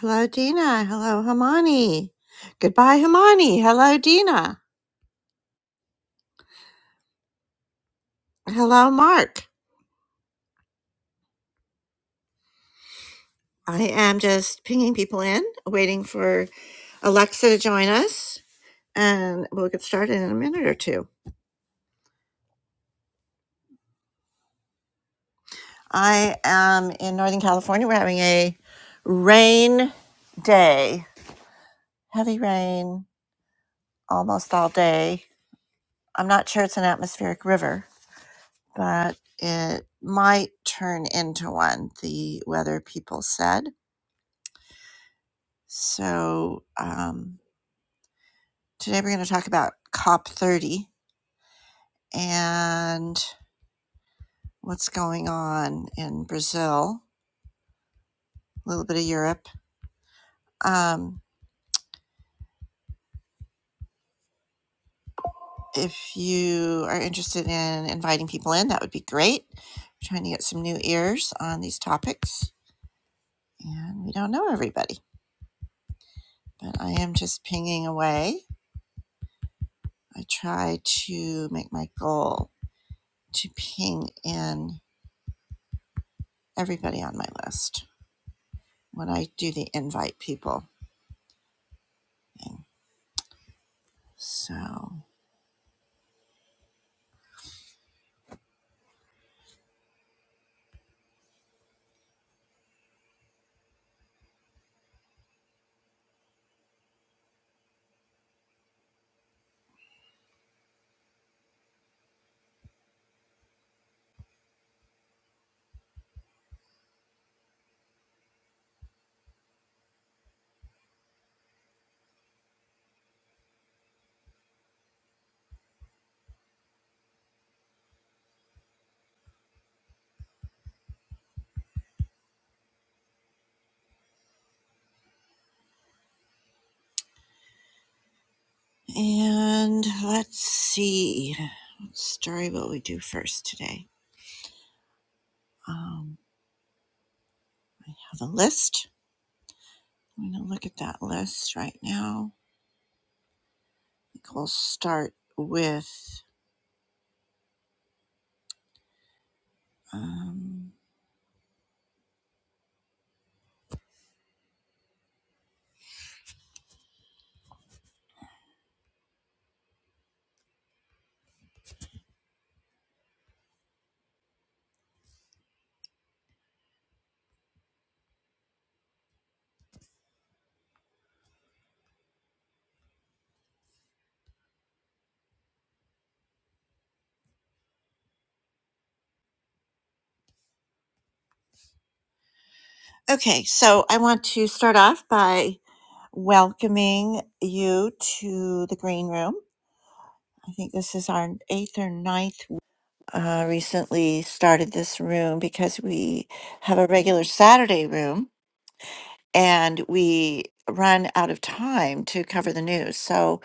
Hello, Dina. Hello, Hamani. Goodbye, Hamani. Hello, Dina. Hello, Mark. I am just pinging people in, waiting for Alexa to join us, and we'll get started in a minute or two. I am in Northern California. We're having a rain day, heavy rain almost all day. I'm not sure it's an atmospheric river, but it might turn into one, the weather people said. So um, today we're going to talk about COP30 and what's going on in Brazil, a little bit of Europe. Um, if you are interested in inviting people in, that would be great. We're trying to get some new ears on these topics, and we don't know everybody, but I am just pinging away. I try to make my goal to ping in everybody on my list when I do the invite people thing. So, and let's see. What story will we do first today? Um, I have a list. I'm going to look at that list right now. I think we'll start with. Um, okay, so I want to start off by welcoming you to the green room. I think this is our eighth or ninth. Uh, recently started this room because we have a regular Saturday room and we run out of time to cover the news. So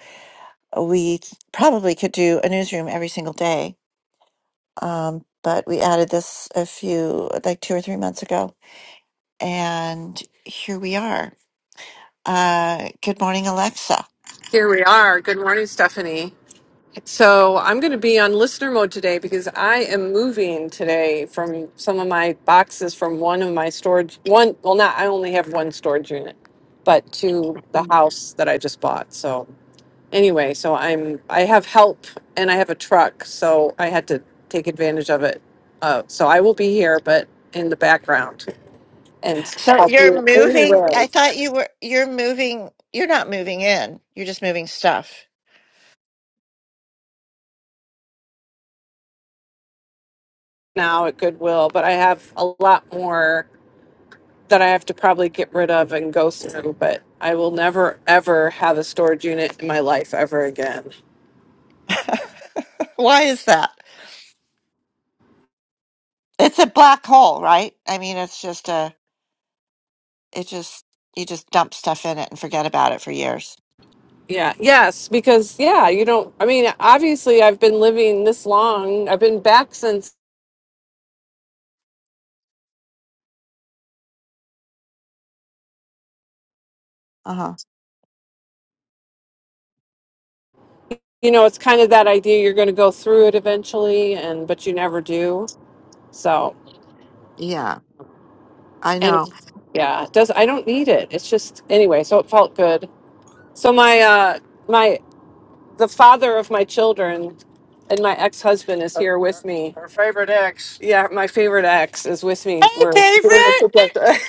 uh, we probably could do a newsroom every single day. Um, but we added this a few, like two or three months ago. And here we are. Uh, good morning, Alexa. Here we are. Good morning, Stephanie. So, I'm going to be on listener mode today because I am moving today from some of my boxes from one of my storage one well not I only have one storage unit, but to the house that I just bought. So, anyway, so I'm I have help and I have a truck, so I had to take advantage of it. Uh, so I will be here but in the background and So I'll be you're moving. I anywhere thought you were, you're moving. You're not moving in. You're just moving stuff. now at Goodwill, but I have a lot more that I have to probably get rid of and go through, but I will never ever have a storage unit in my life ever again. Why is that? It's a black hole, right? I mean, it's just a. It just you just dump stuff in it and forget about it for years. Yeah, yes, because yeah, you don't I mean, obviously I've been living this long. I've been back since Uh huh. you know, it's kind of that idea you're going to go through it eventually and but you never do. So, Yeah, I and know. yeah, it does I don't need it. It's just anyway, so it felt good. So my uh my The father of my children and my ex husband is here with me. her favorite ex. Yeah, my favorite ex is with me. Hey, We're doing it favorite. together.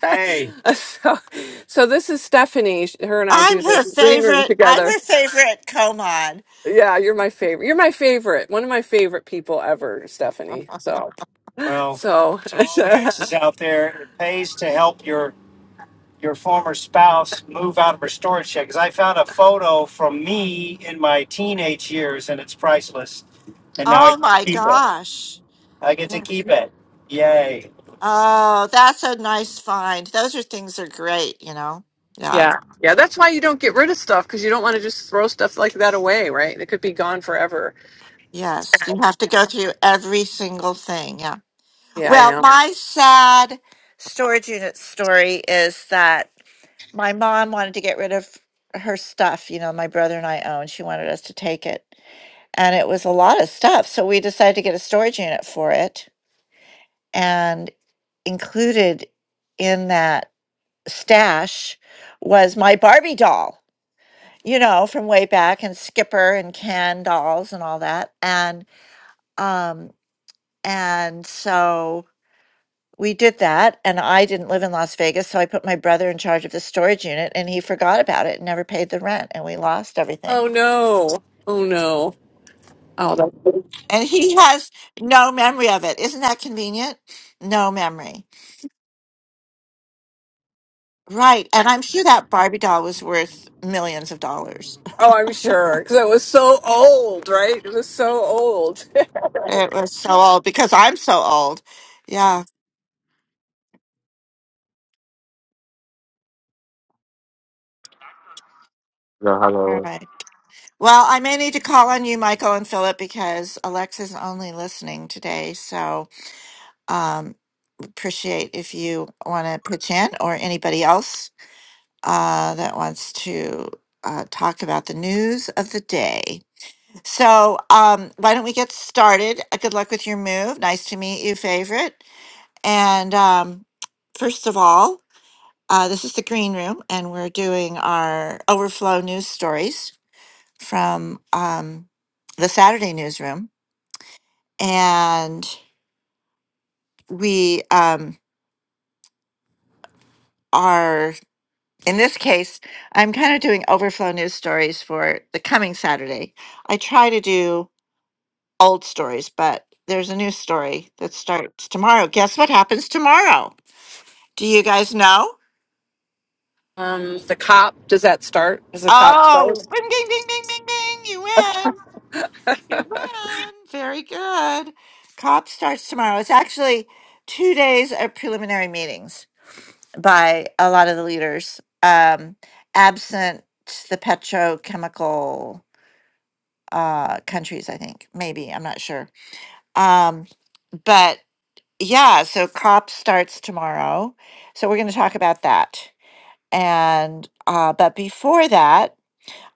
Hey, so, so this is Stephanie. Sh- Her and I I'm do this her green room favorite. I'm together. her favorite. Come on. Yeah, you're my favorite. You're my favorite. One of my favorite people ever, Stephanie. So, well, so to all the exes out there, it pays to help your your former spouse move out of her storage shed because I found a photo from me in my teenage years and it's priceless. And now I Oh get to my keep it. gosh. I get to Yeah. keep it. Yay. Oh, that's a nice find. Those are things are great. You know. Yeah. Yeah. Yeah. That's why you don't get rid of stuff because you don't want to just throw stuff like that away, right? It could be gone forever. Yes, you have to go through every single thing. Yeah. Yeah, I Well, know. my sad storage unit story is that my mom wanted to get rid of her stuff, you know, my brother and I owned. She wanted us to take it. And it was a lot of stuff. So we decided to get a storage unit for it. And included in that stash was my Barbie doll, you know, from way back and Skipper and Ken dolls and all that. And, um, And so we did that. And I didn't live in Las Vegas. So I put my brother in charge of the storage unit and he forgot about it and never paid the rent. And we lost everything. Oh, no. Oh, no. Oh, that- And he has no memory of it. Isn't that convenient? No memory. Right. And I'm sure that Barbie doll was worth millions of dollars. oh I'm sure because it was so old, right? It was so old. It was so old because I'm so old. Yeah. Yeah, All hello. right. Well, I may need to call on you, Michael and Philip, because Alexa's only listening today. So, um, appreciate if you want to pitch in or anybody else uh, that wants to uh, talk about the news of the day. So, um, why don't we get started? Uh, Good luck with your move. Nice to meet you, favorite. And um, first of all, uh, this is the green room, and we're doing our overflow news stories from um, the Saturday newsroom. And we um, are in this case, I'm kind of doing overflow news stories for the coming Saturday. I try to do old stories, but there's a new story that starts tomorrow. Guess what happens tomorrow? Do you guys know? Um, the cop, does that start? Does the cop Oh, start? bing, bing, bing, bing, bing, bing. You win. You win. Very good. COP starts tomorrow. It's actually two days of preliminary meetings by a lot of the leaders, um, absent the petrochemical uh, countries, I think. Maybe, I'm not sure. Um, but yeah, so COP starts tomorrow. So we're going to talk about that. And, uh, but before that,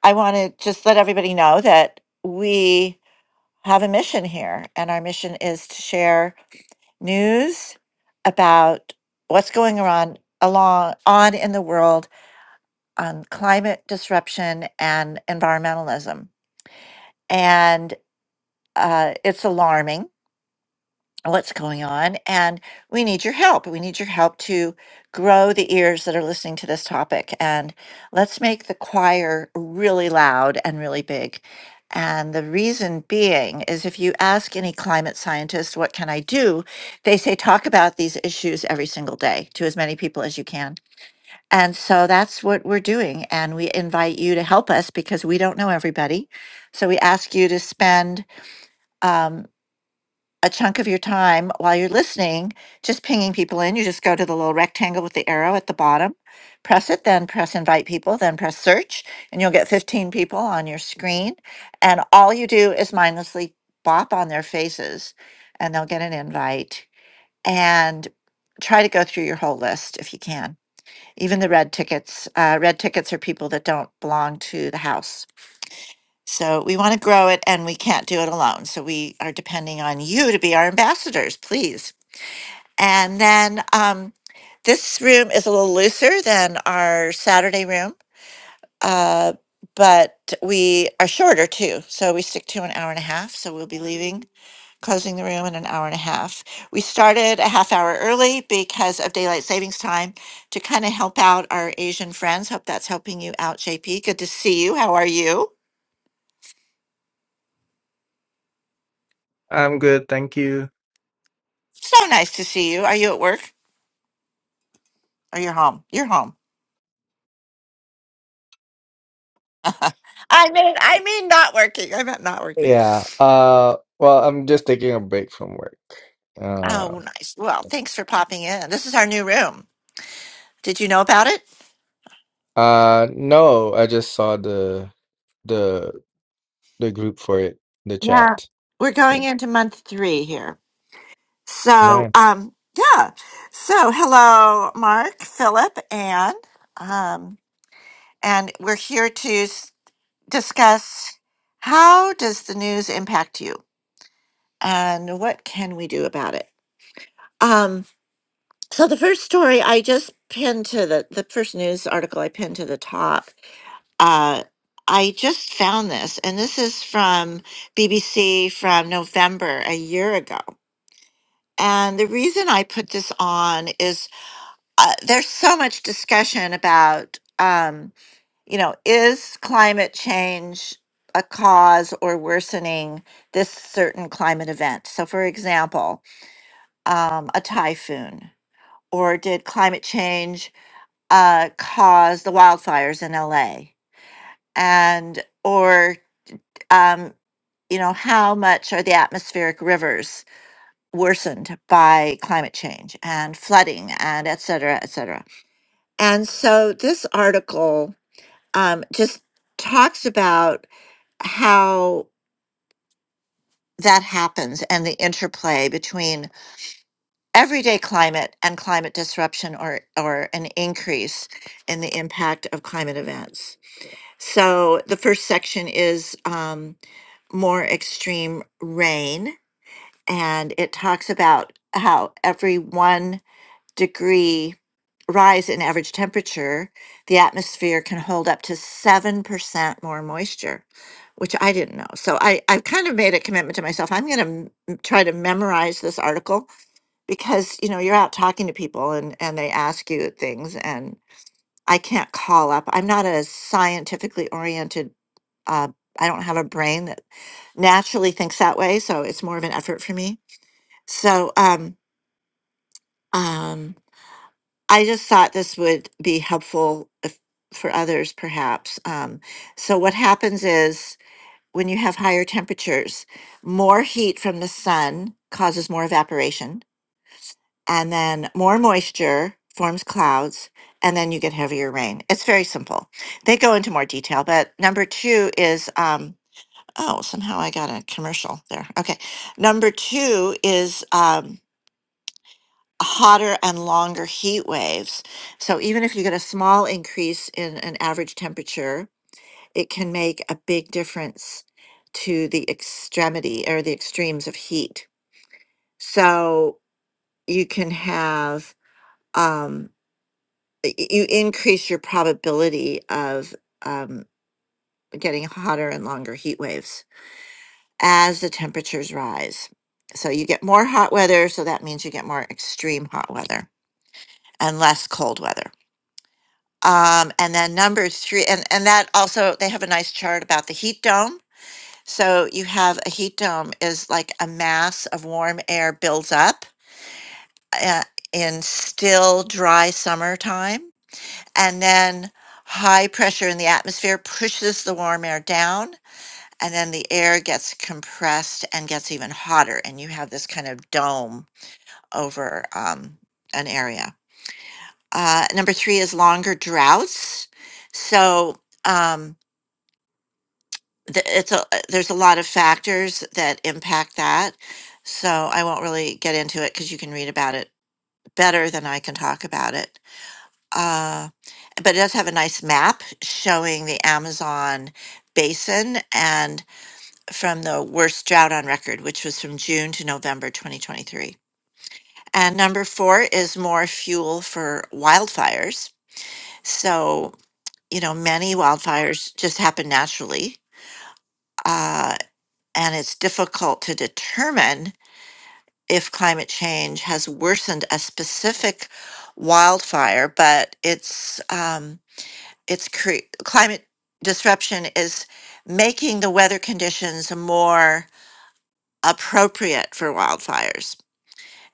I want to just let everybody know that we have a mission here, and our mission is to share news about what's going on along on in the world on climate disruption and environmentalism. And uh, it's alarming what's going on and we need your help we need your help to grow the ears that are listening to this topic and let's make the choir really loud and really big and the reason being is if you ask any climate scientist what can i do they say talk about these issues every single day to as many people as you can and so that's what we're doing and we invite you to help us because we don't know everybody so we ask you to spend um, a chunk of your time while you're listening, just pinging people in. You just go to the little rectangle with the arrow at the bottom, press it, then press invite people, then press search, and you'll get 15 people on your screen. And all you do is mindlessly bop on their faces, and they'll get an invite. And try to go through your whole list if you can. Even the red tickets. Uh, red tickets are people that don't belong to the house. So we want to grow it and we can't do it alone. So we are depending on you to be our ambassadors, please. And then um, this room is a little looser than our Saturday room, uh, but we are shorter too. So we stick to an hour and a half. So we'll be leaving, closing the room in an hour and a half. We started a half hour early because of daylight savings time to kind of help out our Asian friends. Hope that's helping you out, JP. Good to see you. How are you? I'm good, thank you. So nice to see you. Are you at work? Oh, you're home. You're home. I mean, I mean, not working. I meant not working. Yeah. Uh, well, I'm just taking a break from work. Uh, Oh, nice. Well, thanks for popping in. This is our new room. Did you know about it? uh, no, I just saw the the the group for it, the Yeah. chat. We're Yeah. going into month three here. So, Right. um, yeah. So, hello, Mark, Philip, and um, and we're here to s- discuss how does the news impact you, and what can we do about it. Um, So the first story I just pinned to the the first news article I pinned to the top. Uh, I just found this, and this is from BBC from November a year ago. And the reason I put this on is uh, there's so much discussion about, um, you know, is climate change a cause or worsening this certain climate event? So, for example, um, a typhoon, or did climate change uh, caused the wildfires in LA? And, or, um, you know, how much are the atmospheric rivers worsened by climate change and flooding and et cetera, et cetera? And so this article um, just talks about how that happens and the interplay between everyday climate and climate disruption or, or an increase in the impact of climate events. So the first section is um, more extreme rain, and it talks about how every one degree rise in average temperature, the atmosphere can hold up to 7% more moisture, which I didn't know. So I, I've kind of made a commitment to myself. I'm going to try to memorize this article because, you know, you're out talking to people and, and they ask you things and I can't call up. I'm not a scientifically oriented uh, I don't have a brain that naturally thinks that way, so it's more of an effort for me. So um, um, I just thought this would be helpful if, for others, perhaps. Um, so what happens is when you have higher temperatures, more heat from the sun causes more evaporation, and then more moisture forms clouds, and then you get heavier rain. It's very simple. They go into more detail, but number two is. Um, Oh, somehow I got a commercial there. Okay. Number two is um, hotter and longer heat waves. So even if you get a small increase in an average temperature, it can make a big difference to the extremity or the extremes of heat. So you can have, um, y- y- you increase your probability of um, getting hotter and longer heat waves. as the temperatures rise. So you get more hot weather, so that means you get more extreme hot weather and less cold weather. Um, and then number three, and, and that also, they have a nice chart about the heat dome. So you have a heat dome is like a mass of warm air builds up uh, in still dry summertime. And then high pressure in the atmosphere pushes the warm air down and then the air gets compressed and gets even hotter, and you have this kind of dome over um, an area. Uh, number three is longer droughts. So um, th- it's a, there's a lot of factors that impact that. So I won't really get into it because you can read about it better than I can talk about it. Uh, but it does have a nice map showing the Amazon basin and from the worst drought on record, which was from June to November 2023. And number four is more fuel for wildfires. So, you know, many wildfires just happen naturally. Uh, and it's difficult to determine if climate change has worsened a specific wildfire, but it's, um, it's cre- climate disruption is making the weather conditions more appropriate for wildfires.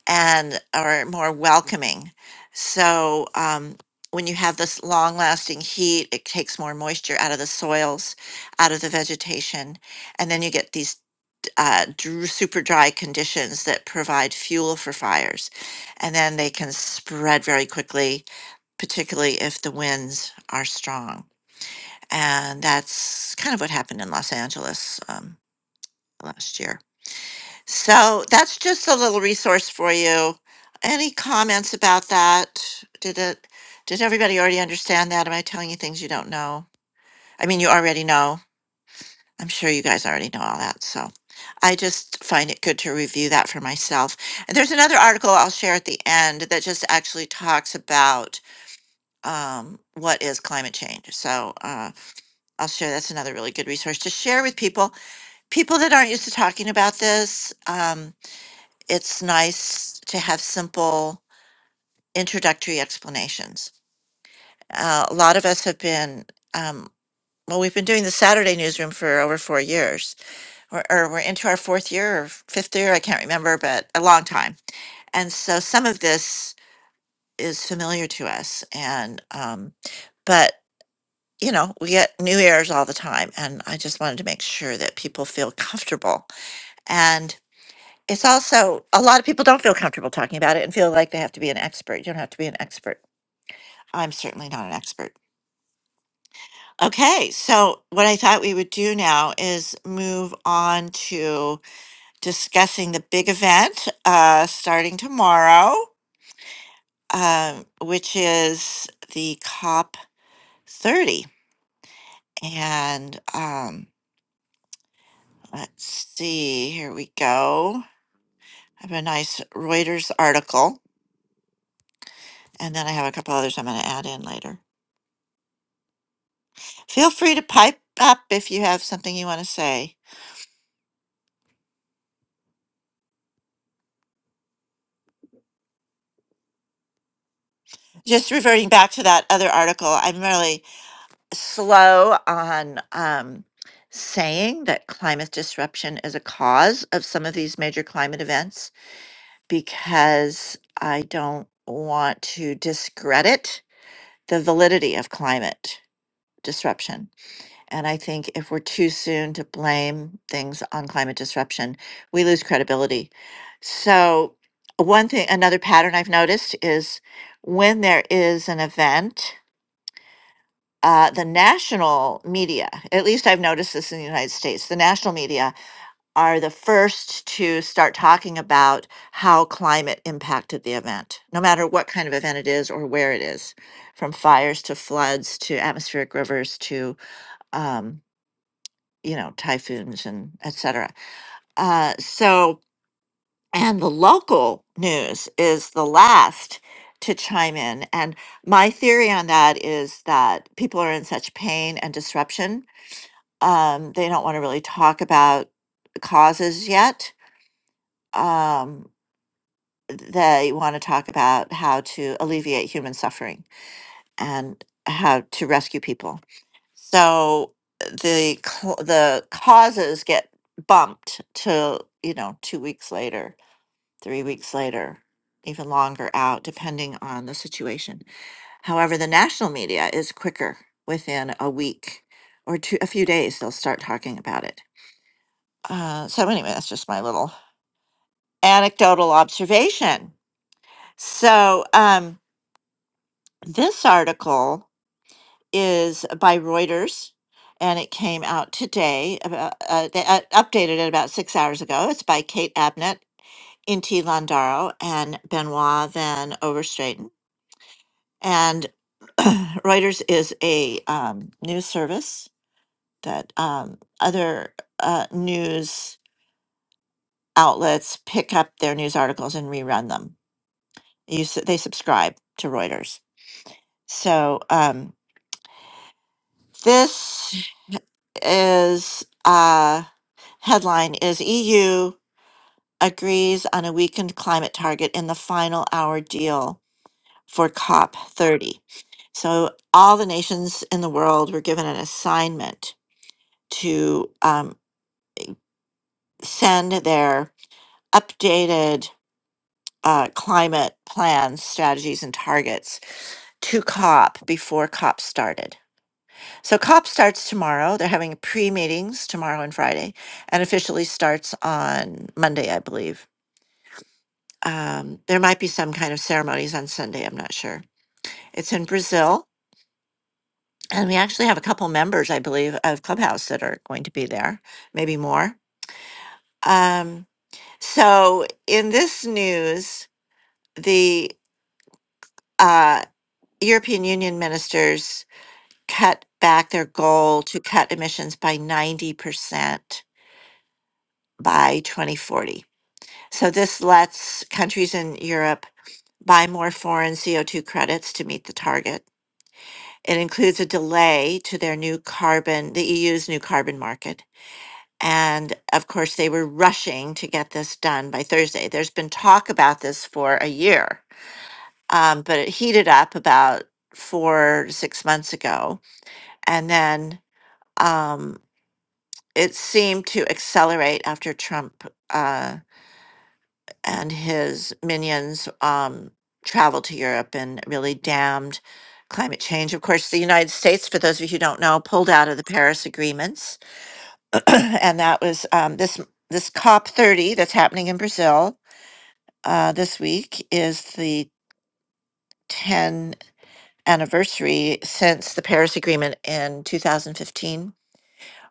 and are more welcoming. So um, when you have this long lasting heat, it takes more moisture out of the soils, out of the vegetation, and then you get these uh, dr- super dry conditions that provide fuel for fires. And then they can spread very quickly, particularly if the winds are strong. And that's kind of what happened in Los Angeles um, last year. So that's just a little resource for you. Any comments about that? Did it, did everybody already understand that? Am I telling you things you don't know? I mean, you already know. I'm sure you guys already know all that. So I just find it good to review that for myself. And there's another article I'll share at the end that just actually talks about um, what is climate change. So uh, I'll share that's another really good resource to share with people, people that aren't used to talking about this. Um, it's nice to have simple introductory explanations. Uh, a lot of us have been, um, well, we've been doing the Saturday newsroom for over four years, or, or we're into our fourth year or fifth year, I can't remember, but a long time. And so some of this is familiar to us. And, um, but, you know, we get new ears all the time. And I just wanted to make sure that people feel comfortable. and. it's also a lot of people don't feel comfortable talking about it and feel like they have to be an expert. You don't have to be an expert. I'm certainly not an expert. Okay, so what I thought we would do now is move on to discussing the big event uh, starting tomorrow, um, which is the COP30. And um, let's see, here we go. I have a nice Reuters article, and then I have a couple others I'm going to add in later. Feel free to pipe up if you have something you want to say. Just reverting back to that other article, I'm really slow on um, saying that climate disruption is a cause of some of these major climate events because I don't want to discredit the validity of climate disruption And I think if we're too soon to blame things on climate disruption, we lose credibility. So, one thing, another pattern I've noticed is when there is an event, uh, the national media, at least I've noticed this in the United States, the national media are the first to start talking about how climate impacted the event, no matter what kind of event it is or where it is, from fires to floods to atmospheric rivers to um, you know, typhoons and et cetera. Uh, so, and the local news is the last to chime in. And my theory on that is that people are in such pain and disruption. Um, they don't want to really talk about causes yet. Um, they want to talk about how to alleviate human suffering and how to rescue people so the cl- the causes get bumped to you know two weeks later three weeks later even longer out depending on the situation however the national media is quicker within a week or two a few days they'll start talking about it uh, so anyway that's just my little anecdotal observation so um, this article is by Reuters, and it came out today. About, uh, they uh, updated it about six hours ago. It's by Kate Abnett, Inti Landaro, and Benoit Van Overstraeten. And Reuters is a um, news service that um, other uh, news outlets pick up their news articles and rerun them. You, s- they subscribe to Reuters. So um, this is. Uh, Headline is EU agrees on a weakened climate target in the final hour deal for COP30. So, all the nations in the world were given an assignment to um, send their updated uh, climate plans, strategies, and targets to COP before COP started. So, COP starts tomorrow. They're having pre meetings tomorrow and Friday and officially starts on Monday, I believe Um, there might be some kind of ceremonies on Sunday. I'm not sure. It's in Brazil. And we actually have a couple members, I believe, of Clubhouse that are going to be there, maybe more. Um, so, in this news, the uh, European Union ministers cut back their goal to cut emissions by 90% by 2040. So, this lets countries in Europe buy more foreign CO2 credits to meet the target It includes a delay to their new carbon, the EU's new carbon market. And of course, they were rushing to get this done by Thursday. There's been talk about this for a year, um, but it heated up about four to six months ago. And then um, it seemed to accelerate after Trump. Uh, and his minions um, traveled to Europe and really damned climate change. Of course, the United States, for those of you who don't know, pulled out of the Paris agreements, and that was um, this this COP 30 that's happening in Brazil uh, this week is the 10 anniversary since the Paris Agreement in 2015,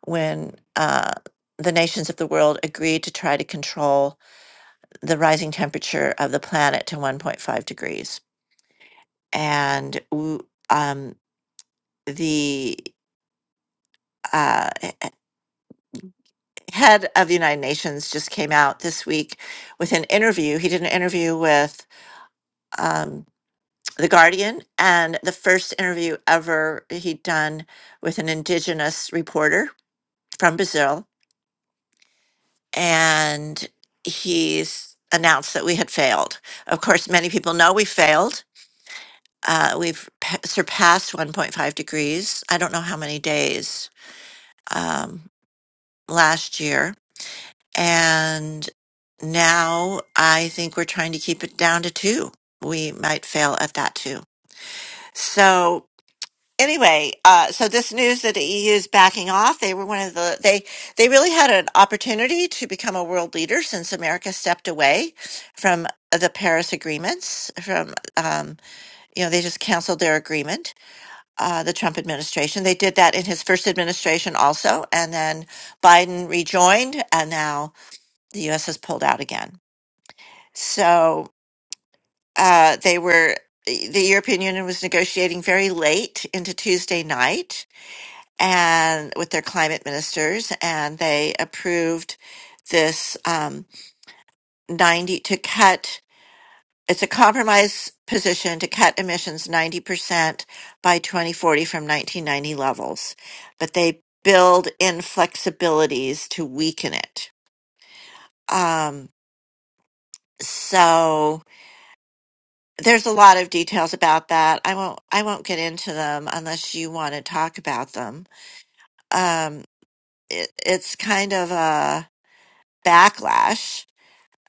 when uh, the nations of the world agreed to try to control the rising temperature of the planet to 1.5 degrees. and w- um, the uh, h- h- head of the United Nations just came out this week with an interview. He did an interview with um, The Guardian, and the first interview ever he'd done with an indigenous reporter from Brazil. And he's announced that we had failed. Of course, many people know we failed. Uh, we've p- surpassed 1.5 degrees. I don't know how many days um, last year And now I think we're trying to keep it down to two. We might fail at that too. So anyway, uh, so this news that the EU is backing off, they were one of the, they, they really had an opportunity to become a world leader since America stepped away from the Paris agreements from, um, you know, they just canceled their agreement, uh, the Trump administration. They did that in his first administration also. And then Biden rejoined and now the U.S. has pulled out again. So uh, they were, eh, the European Union was negotiating very late into Tuesday night and with their climate ministers, and they approved this um, 90 to cut. It's a compromise position to cut emissions 90% by 2040 from 1990 levels, but they build in flexibilities to weaken it. Um, so There's a lot of details about that. I won't I won't get into them unless you want to talk about them. Um, it, it's kind of a backlash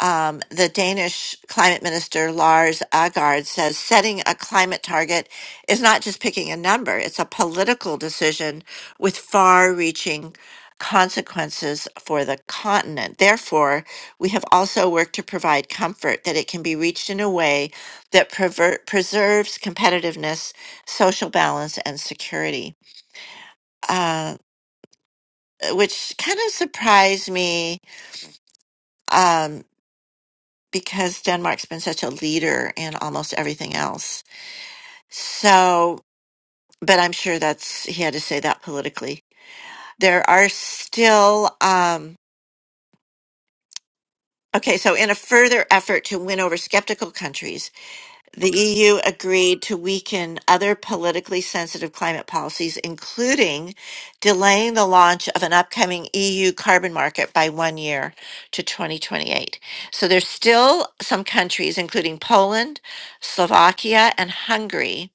um, the Danish climate minister Lars Agard says setting a climate target is not just picking a number, it's a political decision with far reaching consequences for the continent. Therefore, we have also worked to provide comfort that it can be reached in a way that prever- preserves competitiveness, social balance, and security. Uh, which kind of surprised me um, because Denmark's been such a leader in almost everything else. So, but I'm sure that's, he had to say that politically. There are still, um, okay, so in a further effort to win over skeptical countries, The EU agreed to weaken other politically sensitive climate policies, including delaying the launch of an upcoming EU carbon market by one year to 2028. So there's still some countries, including Poland, Slovakia, and Hungary,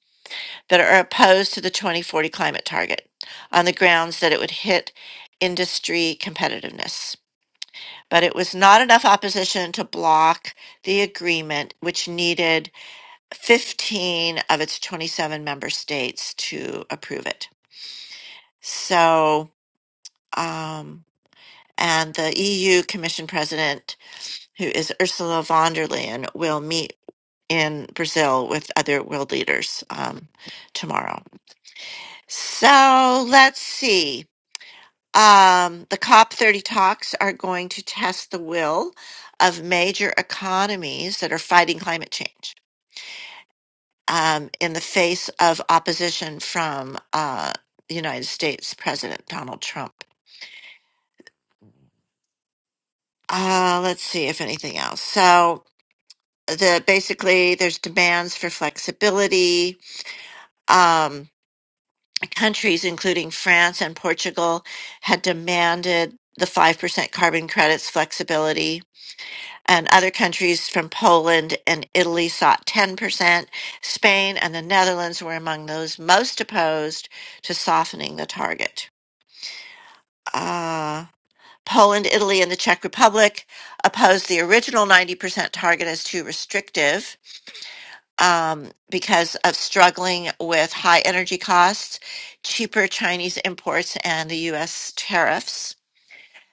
that are opposed to the 2040 climate target on the grounds that it would hit industry competitiveness. But it was not enough opposition to block the agreement, which needed 15 of its 27 member states to approve it. So, um, and the EU Commission President, who is Ursula von der Leyen, will meet in Brazil with other world leaders um, tomorrow. So let's see. Um, the COP30 talks are going to test the will of major economies that are fighting climate change. um, in the face of opposition from uh, the United States President Donald Trump. Uh, let's see if anything else. So the basically there's demands for flexibility. Um, countries including France and Portugal had demanded the 5% carbon credits flexibility and other countries from Poland and Italy sought 10%. Spain and the Netherlands were among those most opposed to softening the target. uh, Poland, Italy, and the Czech Republic opposed the original 90% target as too restrictive um, because of struggling with high energy costs, cheaper Chinese imports, and the U.S. tariffs.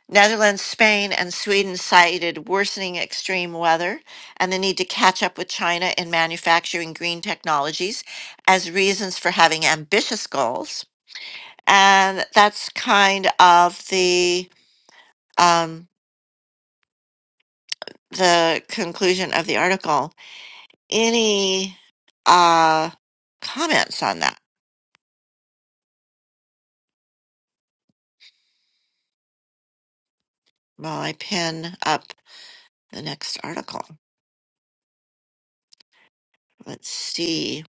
Netherlands, Spain, and Sweden cited worsening extreme weather and the need to catch up with China in manufacturing green technologies as reasons for having ambitious goals. And that's kind of the. Um, the conclusion of the article. Any uh, comments on that while I pin up the next article? Let's see.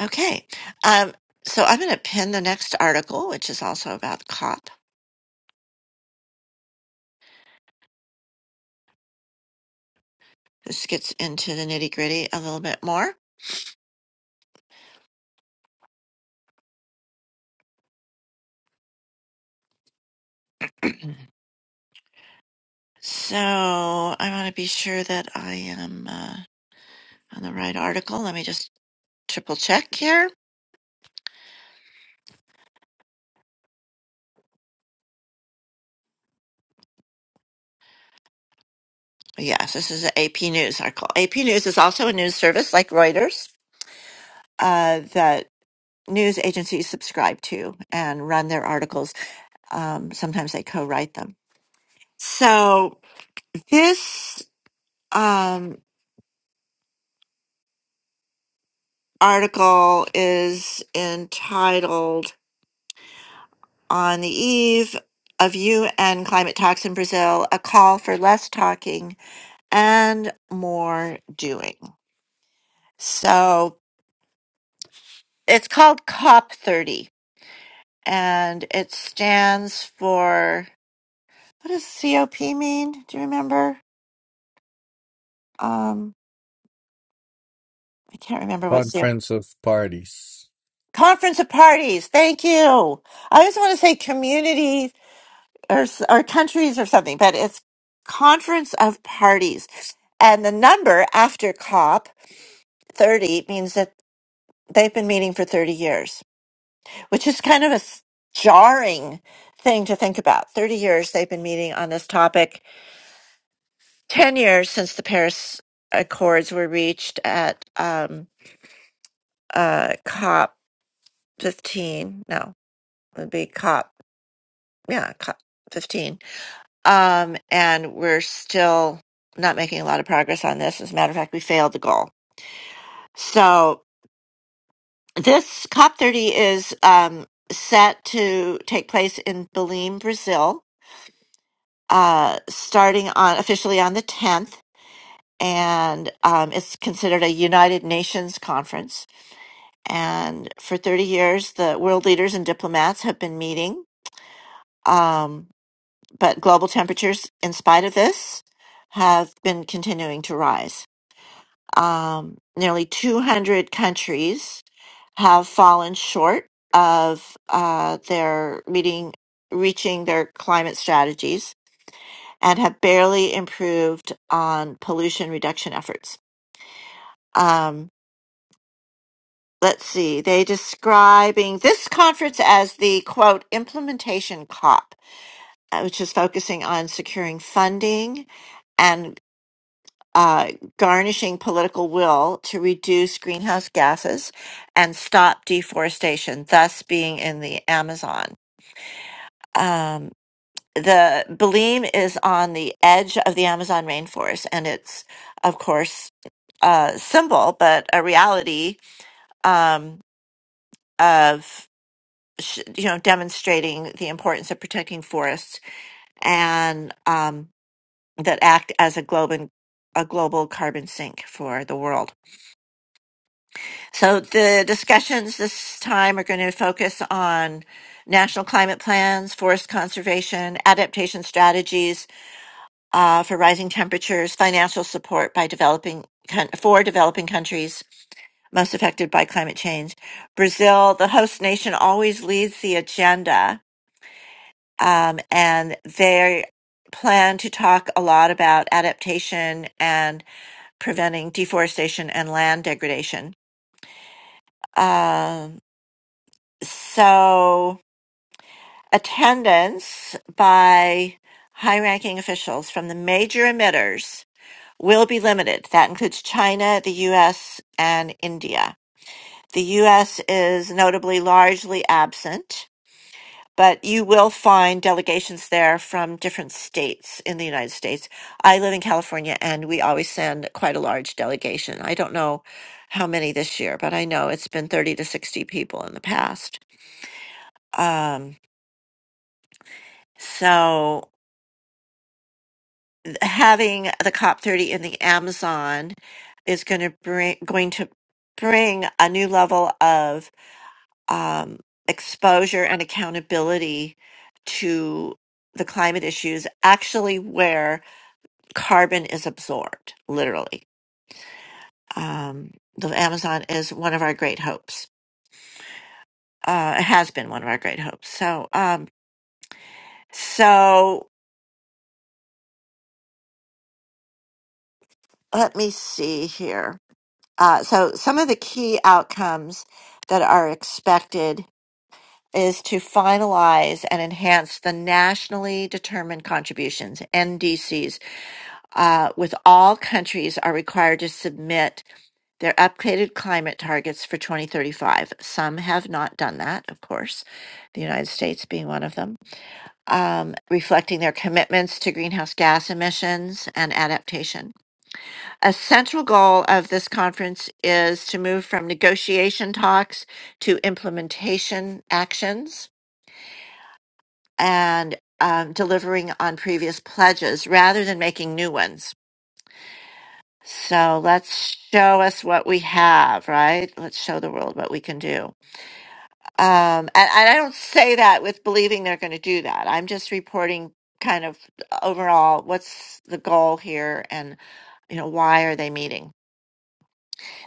Okay. Um, so I'm going to pin the next article, which is also about COP. This gets into the nitty gritty a little bit more. So I want to be sure that I am uh, on the right article. Let me just triple check here. Yes, this is an AP News article. AP News is also a news service like Reuters uh, that news agencies subscribe to and run their articles. Um, sometimes they co-write them. So this um, article is entitled "On the Eve of UN Climate Talks in Brazil: A Call for Less Talking and More Doing." So it's called COP 30, and it stands for what does COP mean? Do you remember? Um, I can't remember what's the Conference of parties. conference of parties. Thank you. I always want to say community or s- or countries or something, but it's conference of parties, and the number after COP thirty means that they've been meeting for thirty years, which is kind of a s- jarring thing to think about. Thirty years they've been meeting on this topic. Ten years since the Paris Accords were reached at um, uh, COP fifteen. No, it would be COP. yeah, cu- 15. Um, and we're still not making a lot of progress on this. As a matter of fact, we failed the goal. So this COP30 is um, set to take place in Belém, Brazil, uh, starting on officially on the 10th. And um, it's considered a United Nations conference. And for 30 years, the world leaders and diplomats have been meeting. Um, but global temperatures, in spite of this, have been continuing to rise. Um, nearly 200 countries have fallen short of uh, their meeting, reaching their climate strategies, and have barely improved on pollution reduction efforts. Um, let's see, they describing this conference as the quote implementation COP, uh, which is focusing on securing funding and. uh, garnishing political will to reduce greenhouse gases and stop deforestation, thus being in the Amazon. Um, the Belém is on the edge of the Amazon rainforest, and it's, of course, a symbol, but a reality um, of sh- you know demonstrating the importance of protecting forests and um, that act as a global a global carbon sink for the world. So the discussions this time are going to focus on national climate plans, forest conservation, adaptation strategies uh, for rising temperatures, financial support by developing coun- for developing countries most affected by climate change. Brazil, the host nation, always leads the agenda, um, and they plan to talk a lot about adaptation and preventing deforestation and land degradation. Um, So, attendance by high ranking officials from the major emitters will be limited. That includes China, the US, and India. The US is notably largely absent, but you will find delegations there from different states in the United States. I live in California and we always send quite a large delegation. I don't know how many this year, but I know it's been 30 to 60 people in the past. Um, so having the COP 30 in the Amazon is going to bring going to bring a new level of um, exposure and accountability to the climate issues, actually where carbon is absorbed, literally. Um, the Amazon is one of our great hopes. Uh, it has been one of our great hopes. So, um, so let me see here. Uh, so, some of the key outcomes that are expected is to finalize and enhance the nationally determined contributions, NDCs, uh, with all countries are required to submit their updated climate targets for 2035. Some have not done that, of course, the United States being one of them, um, reflecting their commitments to greenhouse gas emissions and adaptation. A central goal of this conference is to move from negotiation talks to implementation actions and um, delivering on previous pledges rather than making new ones. So let's show us what we have, right? Let's show the world what we can do. Um, and, and I don't say that with believing they're going to do that. I'm just reporting kind of overall what's the goal here and you know why are they meeting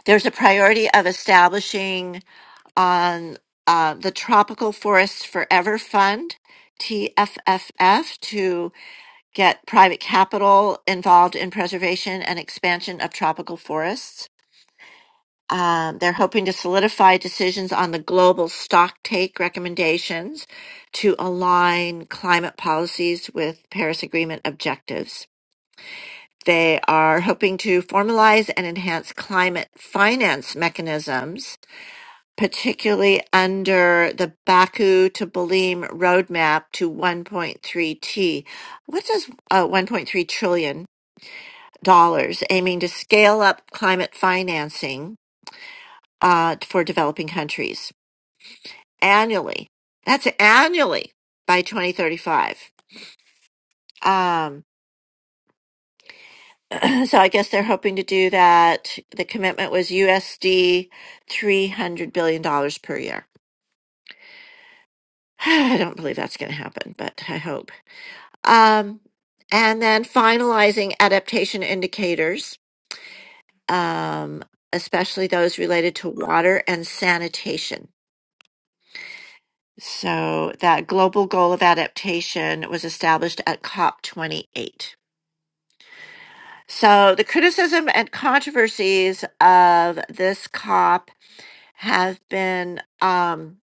there's a priority of establishing on uh, the tropical forests forever fund tfff to get private capital involved in preservation and expansion of tropical forests. Um, they're hoping to solidify decisions on the global stocktake recommendations to align climate policies with Paris Agreement objectives. They are hoping to formalize and enhance climate finance mechanisms, particularly under the Baku to Balim roadmap to 1.3T. What does uh, 1.3 trillion dollars, aiming to scale up climate financing uh, for developing countries annually. That's annually by 2035. Um, so I guess they're hoping to do that. The commitment was USD $300 billion dollars per year. I don't believe that's going to happen, but I hope. Um, and then finalizing adaptation indicators, um, especially those related to water and sanitation So that global goal of adaptation was established at COP28. So the criticism and controversies of this COP have been um,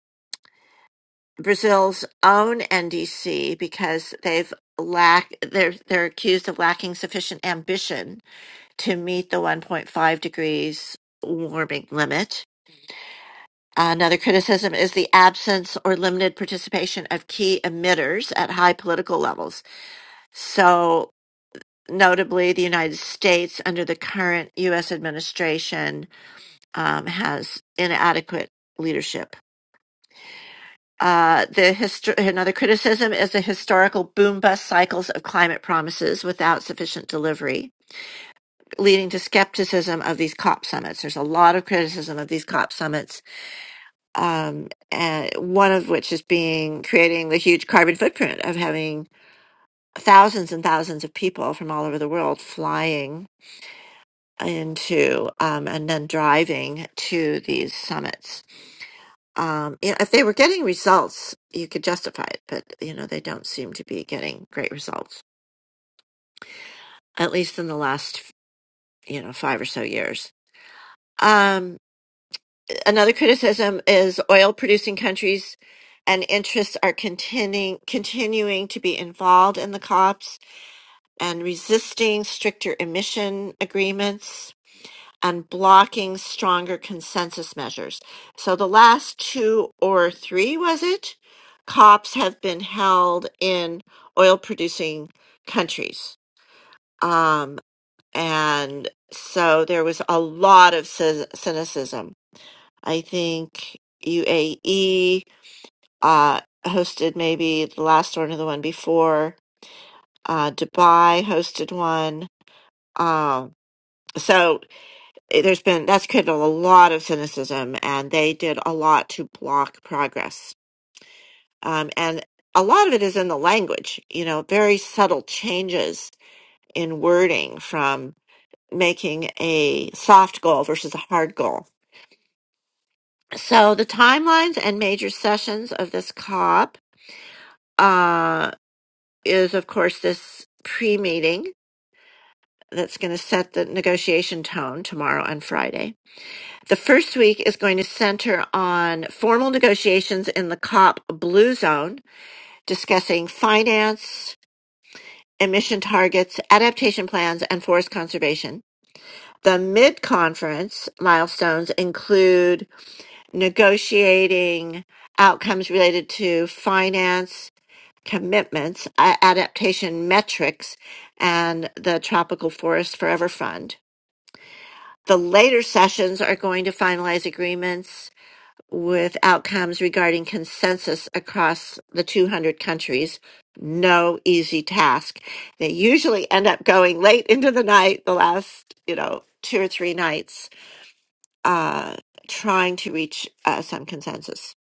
Brazil's own NDC because they've lack they're they're accused of lacking sufficient ambition to meet the 1.5 degrees warming limit. Another criticism is the absence or limited participation of key emitters at high political levels So, notably, the United States, under the current U.S. administration, um, has inadequate leadership. Uh, the histo- another criticism is the historical boom bust cycles of climate promises without sufficient delivery, leading to skepticism of these COP summits. There's a lot of criticism of these COP summits, um, and one of which is being creating the huge carbon footprint of having thousands and thousands of people from all over the world flying into um, and then driving to these summits. Um, you know, if they were getting results, you could justify it, but you know they don't seem to be getting great results, at least in the last you know five or so years. Um, another criticism is oil-producing countries and interests are continuing continuing to be involved in the COPs and resisting stricter emission agreements and blocking stronger consensus measures. So the last two or three, was it? COPs have been held in oil producing countries. Um, and so there was a lot of cy- cynicism. I think UAE uh, hosted maybe the last one or the one before, uh, Dubai hosted one. Um, so eh, there's been that's created a lot of cynicism and they did a lot to block progress um, and a lot of it is in the language you know very subtle changes in wording from making a soft goal versus a hard goal so the timelines and major sessions of this cop uh, is of course this pre-meeting that's going to set the negotiation tone tomorrow and friday The first week is going to center on formal negotiations in the COP Blue Zone, discussing finance, emission targets, adaptation plans, and forest conservation. The mid conference milestones include negotiating outcomes related to finance commitments, a- adaptation metrics, and the Tropical Forest Forever Fund. The later sessions are going to finalize agreements with outcomes regarding consensus across the 200 countries. No easy task. They usually end up going late into the night, the last, you know, two or three nights, uh, trying to reach uh, some consensus.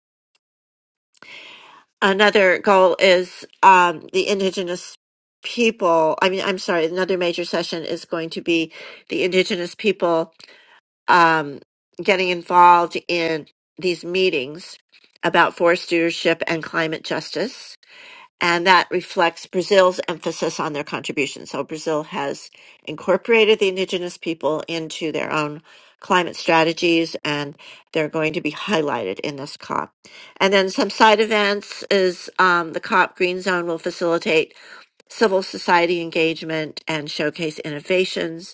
Another goal is um, the indigenous people. I mean, I'm sorry, another major session is going to be the indigenous people um, getting involved in these meetings about forest stewardship and climate justice. And that reflects Brazil's emphasis on their contribution. So Brazil has incorporated the indigenous people into their own climate strategies, and they're going to be highlighted in this COP. And then some side events is um, the COP Green Zone will facilitate civil society engagement and showcase innovations,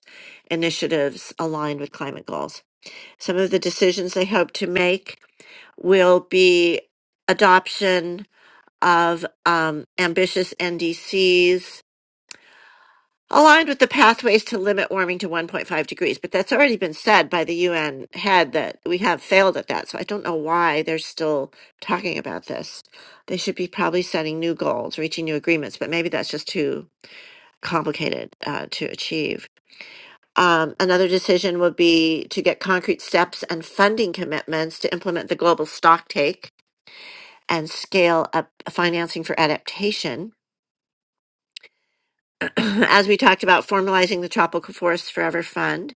initiatives aligned with climate goals. Some of the decisions they hope to make will be adoption of um, ambitious NDCs aligned with the pathways to limit warming to 1.5 degrees. But that's already been said by the UN head that we have failed at that. So I don't know why they're still talking about this. They should be probably setting new goals, reaching new agreements, but maybe that's just too complicated uh, to achieve. Um, another decision would be to get concrete steps and funding commitments to implement the global stock take and scale up financing for adaptation. As we talked about, formalizing the Tropical Forest Forever Fund.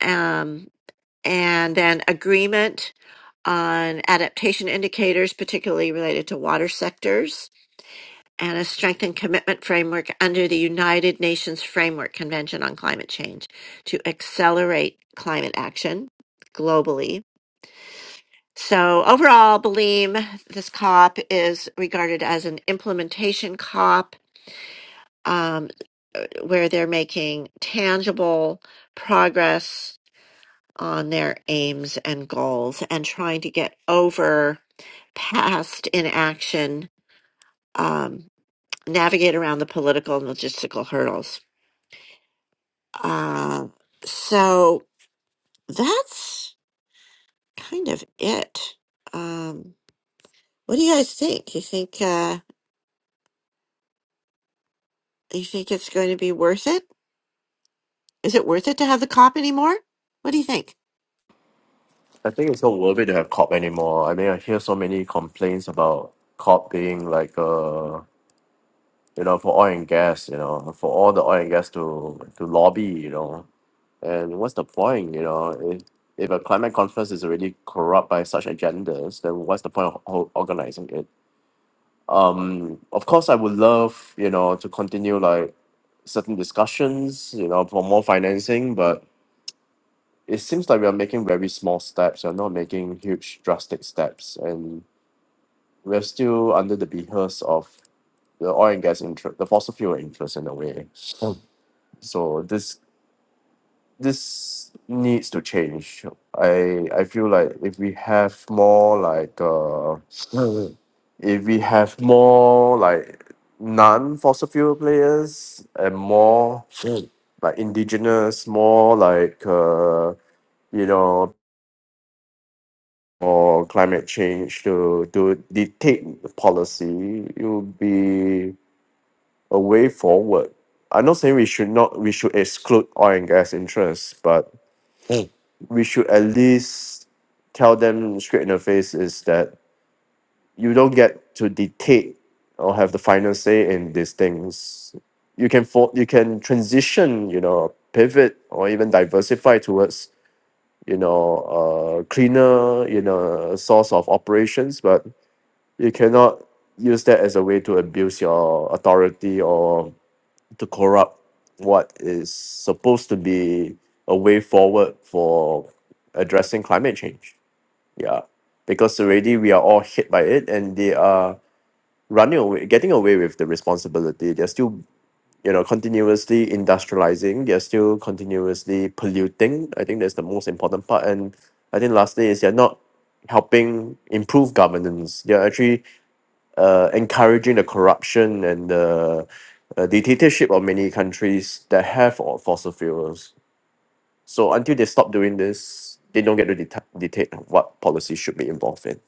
Um, and then agreement on adaptation indicators, particularly related to water sectors, and a strengthened commitment framework under the United Nations Framework Convention on Climate Change to accelerate climate action globally So overall, Baleem, this COP is regarded as an implementation COP um, where they're making tangible progress on their aims and goals and trying to get over past inaction, um, navigate around the political and logistical hurdles. Uh, so that's kind of it. Um, what do you guys think? You think uh, you think it's going to be worth it? Is it worth it to have the cop anymore? What do you think? I think it's not worth it to have COP anymore. I mean, I hear so many complaints about COP being like, uh, you know, for oil and gas, you know, for all the oil and gas to to lobby, you know. And what's the point, you know? If, if a climate conference is already corrupt by such agendas, then what's the point of ho- organizing it? Um, of course, I would love, you know, to continue like certain discussions, you know, for more financing, but it seems like we are making very small steps. We're not making huge, drastic steps, and we're still under the behest of the oil and gas interest, the fossil fuel interest, in a way. Mm. So this this needs to change. I I feel like if we have more like uh, Mm. if we have more like non-fossil fuel players and more Mm. like indigenous, more like uh, you know or climate change to, to dictate the policy, it would be a way forward. I'm not saying we should not we should exclude oil and gas interests, but Mm. we should at least tell them straight in the face is that you don't get to dictate or have the final say in these things. You can for, you can transition, you know, pivot or even diversify towards you know uh, cleaner you know source of operations, but you cannot use that as a way to abuse your authority or to corrupt what is supposed to be a way forward for addressing climate change. Yeah, because already we are all hit by it, and they are running away, getting away with the responsibility. They're still, you know, continuously industrializing. They're still continuously polluting. I think that's the most important part. And I think lastly is they're not helping improve governance. They're actually uh, encouraging the corruption and the uh, dictatorship of many countries that have all fossil fuels. So until they stop doing this, they don't get to deta- dictate what policy should be involved in.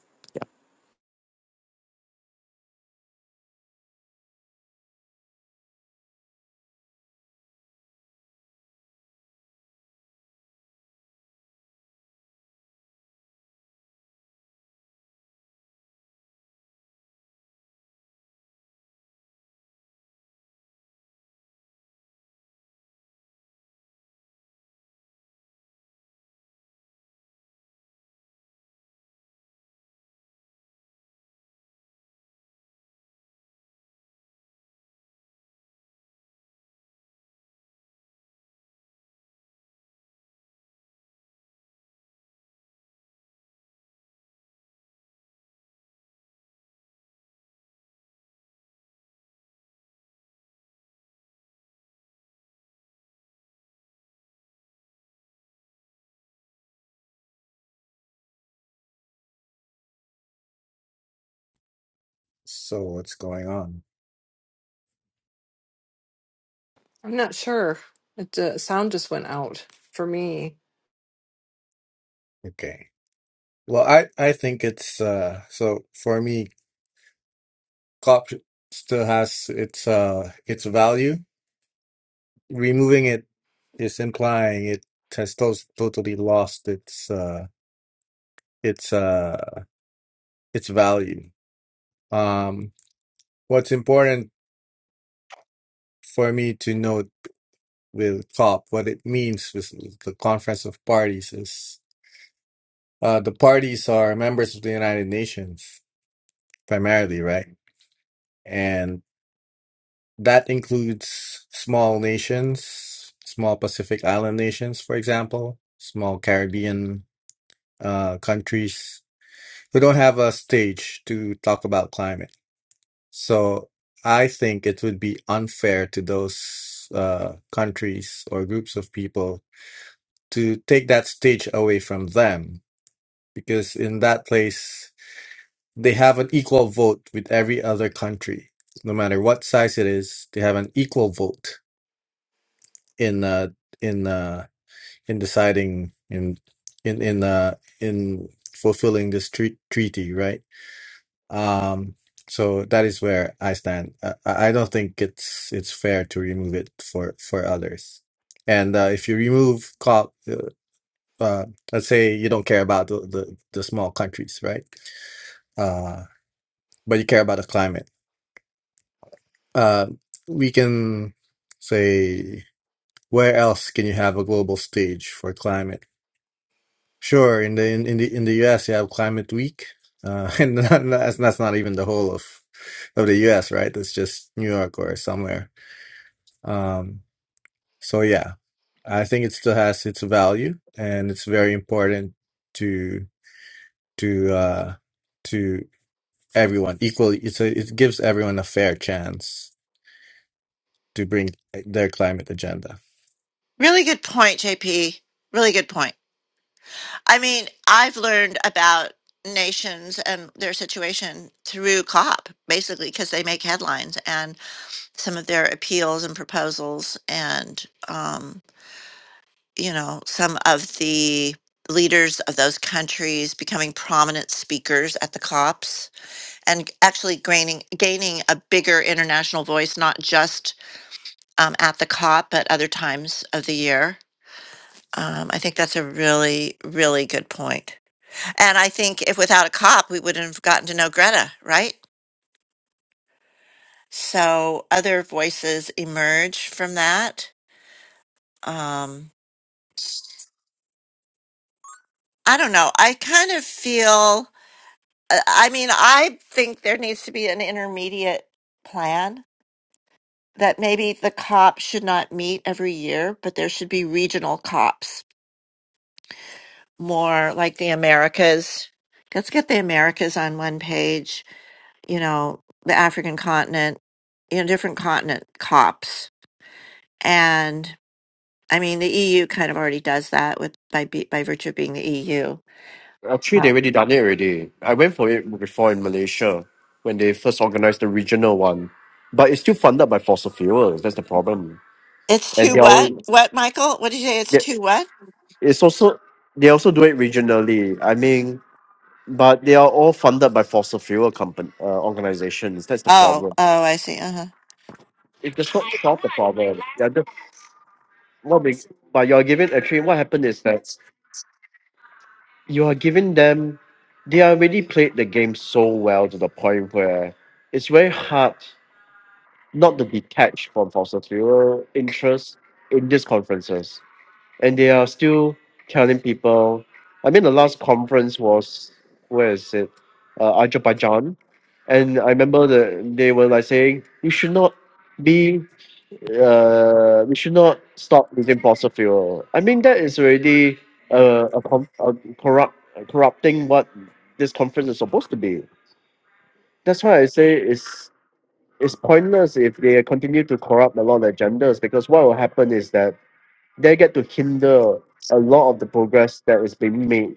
So what's going on? I'm not sure. It uh, sound just went out for me. Okay. Well, I I think it's uh so for me, COP still has its uh its value. Removing it is implying it has to- totally lost its uh its uh its value. Um, what's important for me to note with COP, what it means with the Conference of Parties is uh, the parties are members of the United Nations primarily, right? And that includes small nations, small Pacific Island nations, for example, small Caribbean uh, countries who don't have a stage to talk about climate So I think it would be unfair to those uh, countries or groups of people to take that stage away from them because in that place they have an equal vote with every other country, no matter what size it is. They have an equal vote in uh, in uh, in deciding in in in uh, in fulfilling this tre- treaty, right? Um, so that is where I stand. I, I I don't think it's it's fair to remove it for for others. And uh, if you remove cop, uh, uh, let's say you don't care about the, the, the small countries, right? Uh, but you care about the climate. Uh, we can say, where else can you have a global stage for climate? Sure. In the in, in the in the U.S., you have Climate Week, uh, and not- that's that's not even the whole of of the U.S., right? That's just New York or somewhere. Um, so yeah, I think it still has its value, and it's very important to to uh, to everyone equally. It's a, it gives everyone a fair chance to bring their climate agenda. Really good point, JP. Really good point. I mean, I've learned about nations and their situation through COP, basically, because they make headlines and some of their appeals and proposals, and, um, you know, some of the leaders of those countries becoming prominent speakers at the COPs and actually gaining, gaining a bigger international voice, not just um, at the COP at other times of the year. Um, I think that's a really, really good point. And I think if without a COP, we wouldn't have gotten to know Greta, right? So other voices emerge from that. Um, I don't know. I kind of feel, I I mean, I think there needs to be an intermediate plan that maybe the COP should not meet every year, but there should be regional COPs more like the Americas. Let's get the Americas on one page, you know, the African continent, you know, different continent COPs. And I mean, the EU kind of already does that with by be- by virtue of being the EU. Actually, they already done it already. I went for it before in Malaysia when they first organized the regional one, but it's still funded by fossil fuels. That's the problem, It's and too they are what? What, Michael? What did you say? It's they- too what? it's also they also do it regionally. I mean, but they are all funded by fossil fuel company uh, organizations. That's the Oh, problem. oh, I see. Uh huh. it does not solve the problem. You're just what we, but you're giving actually what happened is that you are giving them they already played the game so well to the point where it's very hard not to detach from fossil interests in these conferences. And they are still telling people I mean the last conference was where is it? Uh, Azerbaijan. And I remember that they were like saying you should not be uh, we should not stop using fossil fuel. I mean, that is already uh, a, com- a corrupt corrupting what this conference is supposed to be. That's why I say it's it's pointless if they continue to corrupt a lot of agendas because what will happen is that they get to hinder a lot of the progress that is being made.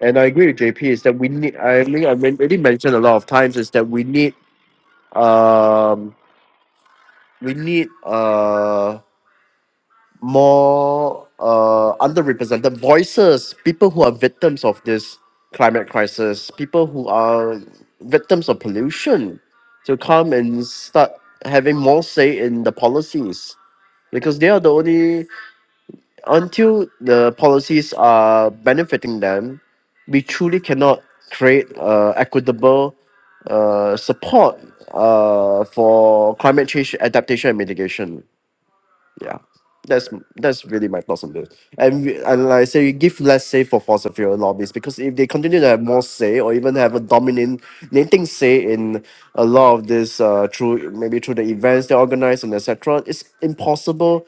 And I agree with JP is that we need. I mean, I already mentioned a lot of times is that we need um we need uh more uh, underrepresented voices, people who are victims of this climate crisis, people who are victims of pollution, to come and start having more say in the policies because they are the only until the policies are benefiting them, we truly cannot create uh, equitable uh, support uh, for climate change adaptation and mitigation yeah that's that's really my thoughts on this and we, and like i say you give less say for fossil fuel lobbies because if they continue to have more say or even have a dominant dominating say in a lot of this uh through maybe through the events they organize and etc it's impossible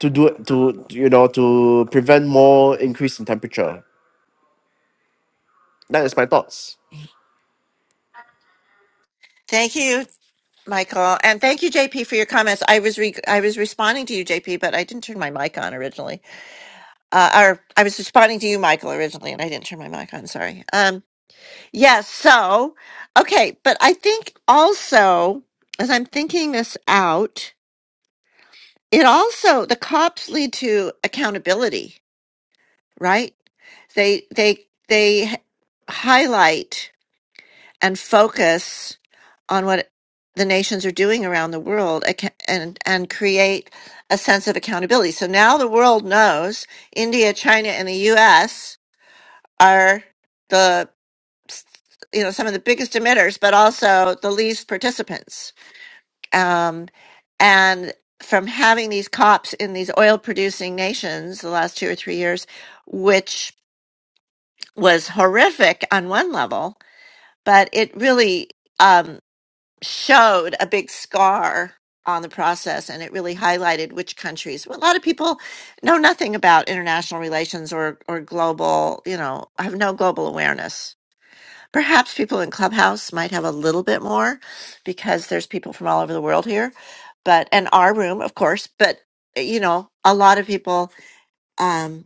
to do to you know to prevent more increase in temperature that is my thoughts Thank you, Michael, and thank you, JP, for your comments. I was re- I was responding to you, JP, but I didn't turn my mic on originally. Uh, or I was responding to you, Michael, originally, and I didn't turn my mic on. Sorry. Um. Yes. So, okay. But I think also, as I'm thinking this out, it also, the cops lead to accountability, right? They, they, they h- highlight and focus on what the nations are doing around the world acc- and, and create a sense of accountability. So now the world knows India, China, and the US are. the you know some of the biggest emitters but also the least participants um, and from having these cops in these oil producing nations the last two or three years which was horrific on one level but it really um, showed a big scar on the process and it really highlighted which countries well, a lot of people know nothing about international relations or or global you know have no global awareness Perhaps people in Clubhouse might have a little bit more because there's people from all over the world here, but and our room, of course, but eh, you know, a lot of people um,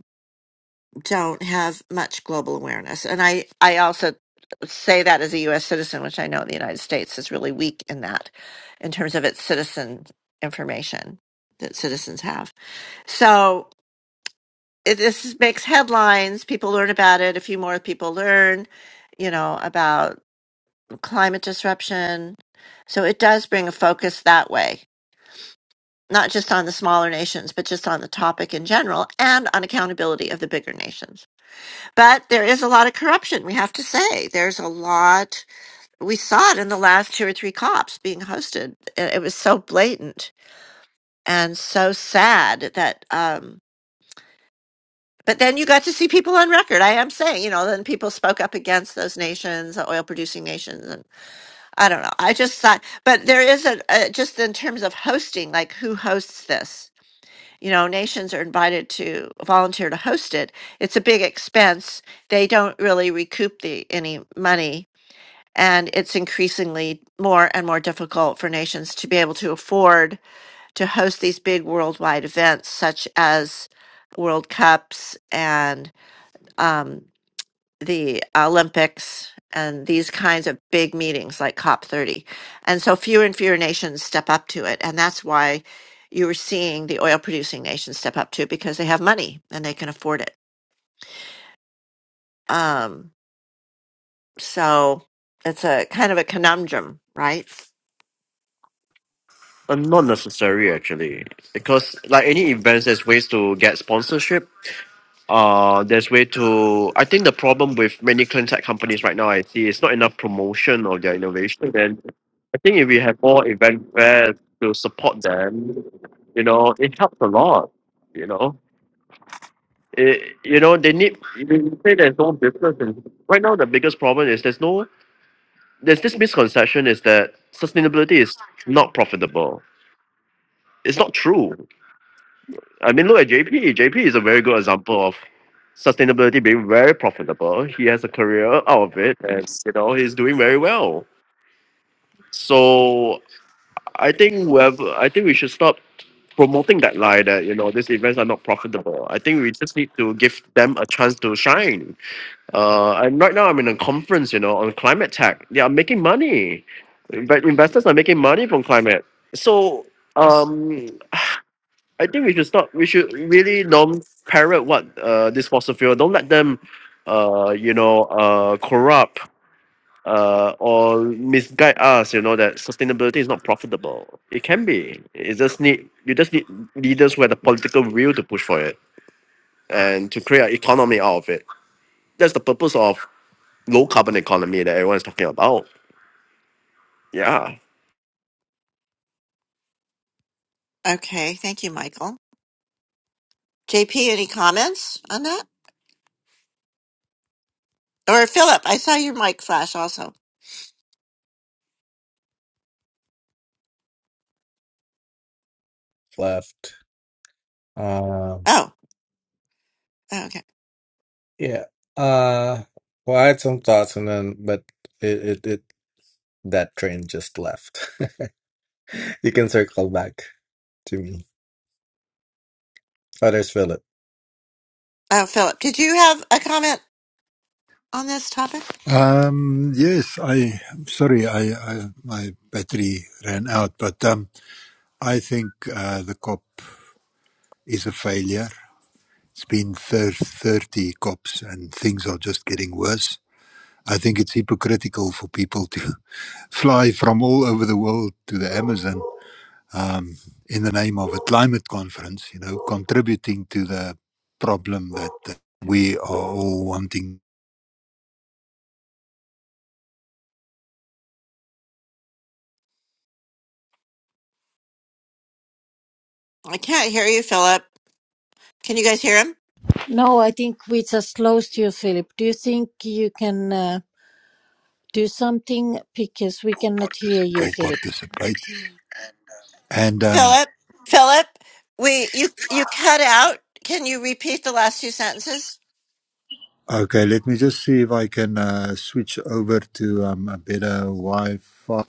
don't have much global awareness. And I, I also say that as a US citizen, which I know the United States is really weak in that in terms of its citizen information that citizens have. So it, this makes headlines. People learn about it. A few more people learn, you know, about climate disruption. So it does bring a focus that way, not just on the smaller nations, but just on the topic in general and on accountability of the bigger nations. But there is a lot of corruption, we have to say. There's a lot. We saw it in the last two or three COPs being hosted. It it was so blatant and so sad that. Um, but then you got to see people on record. I am saying, you know, then people spoke up against those nations, the oil producing nations, I don't know. I just thought, but there is a, a just in terms of hosting, like who hosts this? You know, nations are invited to volunteer to host it. It's a big expense. They don't really recoup the any money, and it's increasingly more and more difficult for nations to be able to afford to host these big worldwide events, such as World Cups and um, the Olympics and these kinds of big meetings like COP30. And so fewer and fewer nations step up to it. And that's why you are seeing the oil producing nations step up to it because they have money and they can afford it. Um, so it's a kind of a conundrum, right? uh, not necessary actually because like any events there's ways to get sponsorship uh there's way to i think the problem with many clean tech companies right now i see is not enough promotion of their innovation and i think if we have more event fairs to support them you know it helps a lot you know it, you know they need you say there's no business and right now the biggest problem is there's no there's this misconception is that sustainability is not profitable it's not true I mean, look at JP. JP is a very good example of sustainability being very profitable. He has a career out of it, and you know he's doing very well. So I think we have, I think we should stop promoting that lie that you know these events are not profitable. I think we just need to give them a chance to shine. Uh, and right now I'm in a conference, you know, on climate tech. They are making money, but investors are making money from climate. So um I think we should stop. We should really don't parrot what uh this fossil fuel. Don't let them, uh, you know, uh, corrupt uh or misguide us. You know that sustainability is not profitable. It can be. It just need you just need leaders who have the political will to push for it and to create an economy out of it. That's the purpose of low carbon economy that everyone is talking about. Yeah, Okay. Thank you, Michael. JP, any comments on that? Or Philip, I saw your mic flash also. Left. Um, Oh, okay. yeah. Uh, well, I had some thoughts, and then but it it, it that train just left. you can circle back to me. Others, Philip. Oh, Philip, did you have a comment on this topic? Um, yes, I, I'm sorry, I, I, my battery ran out, but, um, I think, uh, the COP is a failure. It's been thir- 30 COPs and things are just getting worse. I think it's hypocritical for people to fly from all over the world to the Amazon, um, in the name of a climate conference, you know, contributing to the problem that uh, we are all wanting I can't hear you, Philip. Can you guys hear him? No, I think we just lost you, Philip. Do you think you can uh, do something? Because we cannot hear you, people Philip. participate. And, um, Philip, Philip, we you you cut out. Can you repeat the last two sentences? Okay, let me just see if I can uh, switch over to um, a better Wi-Fi.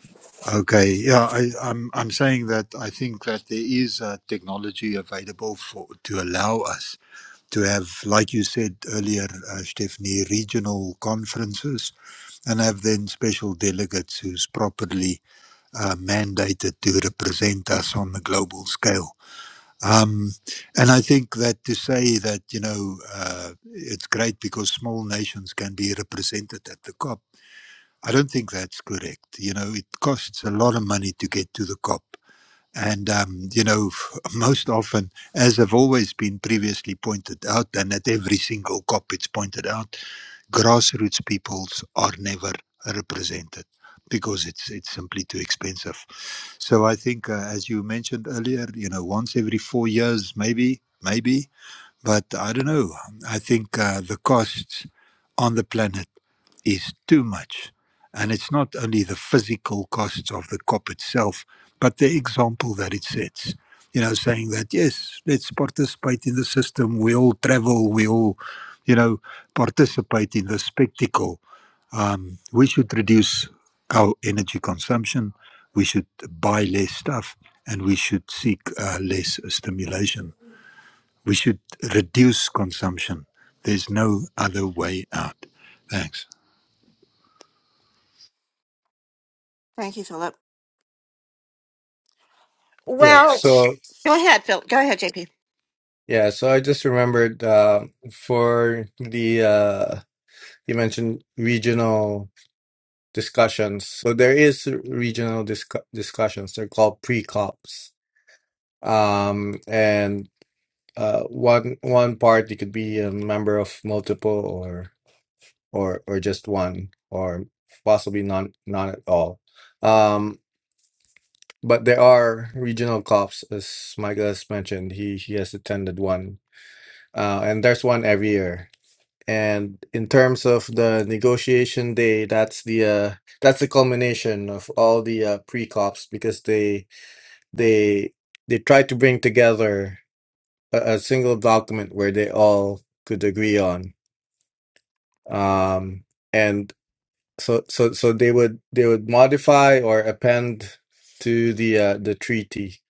Okay, yeah, I, I'm I'm saying that I think that there is uh, technology available for to allow us to have, like you said earlier, uh, Stephanie, regional conferences and have then special delegates who's properly uh, mandated to represent us on the global scale. Um, and I think that to say that, you know, uh, it's great because small nations can be represented at the COP, I don't think that's correct. You know, it costs a lot of money to get to the COP. And, um, you know, most often, as have always been previously pointed out, and at every single COP it's pointed out, grassroots peoples are never represented because it's it's simply too expensive. So I think, uh, as you mentioned earlier, you know, once every four years, maybe, maybe but I don't know. I think uh, the costs on the planet is too much. And it's not only the physical costs of the COP itself, but the example that it sets. You know, saying that, yes, let's participate in the system. We all travel, we all, you know, participate in the spectacle. Um, we should reduce our energy consumption. We should buy less stuff and we should seek uh, less stimulation. We should reduce consumption. There's no other way out. Thanks. Thank you, Philip. Yeah. Well, So go ahead, Phil. Go ahead, JP. Yeah, so I just remembered uh, for the uh, you mentioned regional discussions. So there is regional disc discussions. They're called pre-COPs. Um, and uh, one one party could be a member of multiple or or or just one or possibly none none at all. Um, but there are regional COPs, as Michael has mentioned. He he has attended one, uh, and there's one every year And in terms of the negotiation day, that's the uh, that's the culmination of all the uh, pre-cops because they they they tried to bring together a, a single document where they all could agree on. Um, and so so so they would they would modify or append to the uh, the treaty.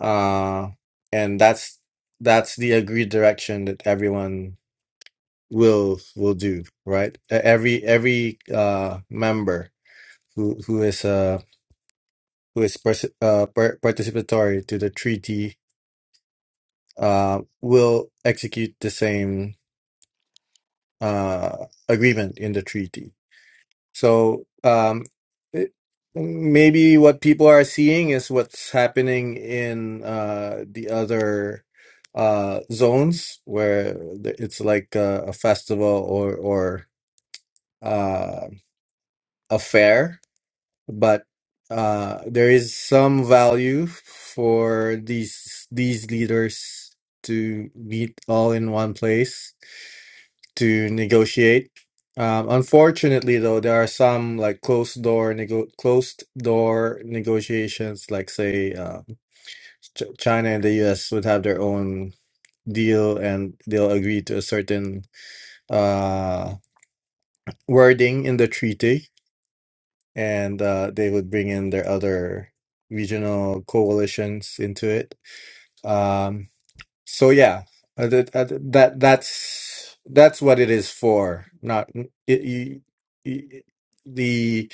Uh, and that's that's the agreed direction that everyone will will do right E- every every uh member who who is uh who is pers- uh, par- participatory to the treaty uh will execute the same uh agreement in the treaty so um it, maybe what people are seeing is what's happening in uh the other uh zones where the- it's like a, a festival or or uh a fair but uh, there is some value for these these leaders to meet all in one place to negotiate. Um, unfortunately, though, there are some like closed door nego- closed door negotiations. Like say, uh, Ch- China and the U.S. would have their own deal, and they'll agree to a certain uh, wording in the treaty and uh, they would bring in their other regional coalitions into it. Um, so yeah, uh, that uh, that that's that's what it is for. Not it, you, you- the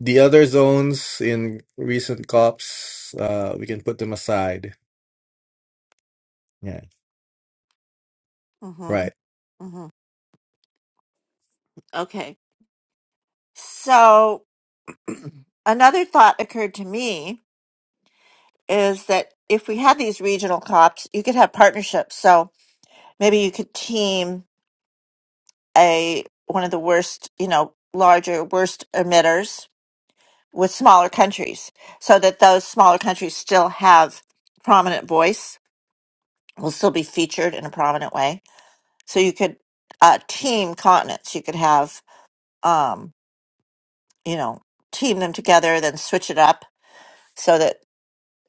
the other zones in recent cops. Uh, we can put them aside. Yeah, hmm right. hmm Okay. So another thought occurred to me is that if we had these regional cops, you could have partnerships. So maybe you could team a one of the worst, you know, larger worst emitters with smaller countries, so that those smaller countries still have prominent voice will still be featured in a prominent way. So you could uh, team continents. You could have, um, you know, team them together, then switch it up so that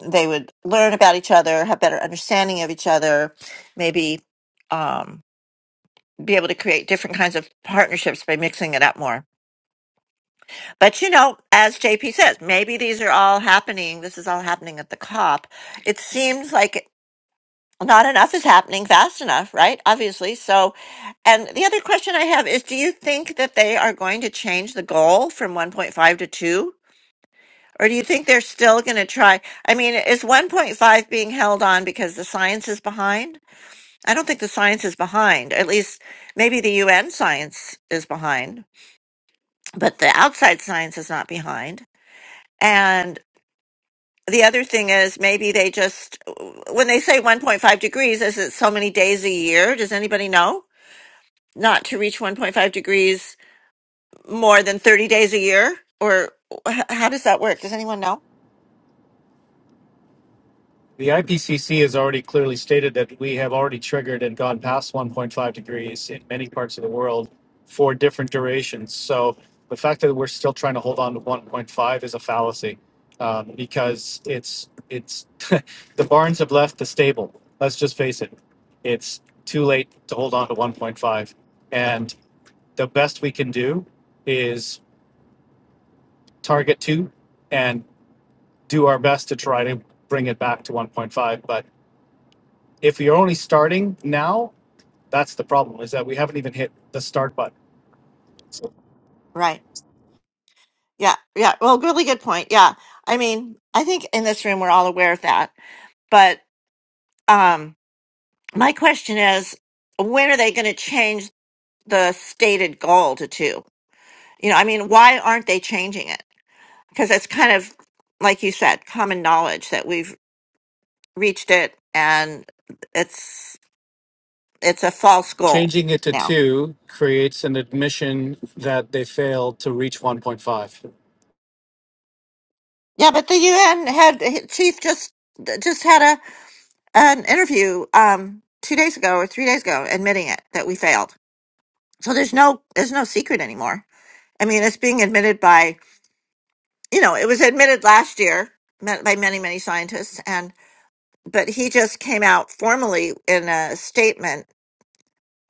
they would learn about each other, have better understanding of each other, maybe um, be able to create different kinds of partnerships by mixing it up more. But you know, as JP says, maybe these are all happening. This is all happening at the COP. It seems like. not enough is happening fast enough, right? Obviously. So, and the other question I have is do you think that they are going to change the goal from 1.5 to 2? Or do you think they're still going to try? I mean, is 1.5 being held on because the science is behind? I don't think the science is behind. At least maybe the UN science is behind, but the outside science is not behind. And the other thing is maybe they just, when they say 1.5 degrees, is it so many days a year? Does anybody know? not to reach 1.5 degrees more than 30 days a year or h- how does that work does anyone know The IPCC has already clearly stated that we have already triggered and gone past 1.5 degrees in many parts of the world for different durations. So the fact that we're still trying to hold on to 1.5 is a fallacy um, because it's it's the barns have left the stable. Let's just face it, it's too late to hold on to 1.5, and the best we can do is target two and do our best to try to bring it back to 1.5, but if you're only starting now, that's the problem is that we haven't even hit the start button. right yeah yeah well really good point yeah i mean i think in this room we're all aware of that but um my question is when are they going to change the stated goal to two you know i mean why aren't they changing it because it's kind of like you said common knowledge that we've reached it and it's it's a false goal Changing it to now. two creates an admission that they failed to reach 1.5. Yeah, but the UN had chief just just had a an interview um two days ago or three days ago admitting it that we failed. So there's no there's no secret anymore. I mean, it's being admitted by you know it was admitted last year ma- by many many scientists and but he just came out formally in a statement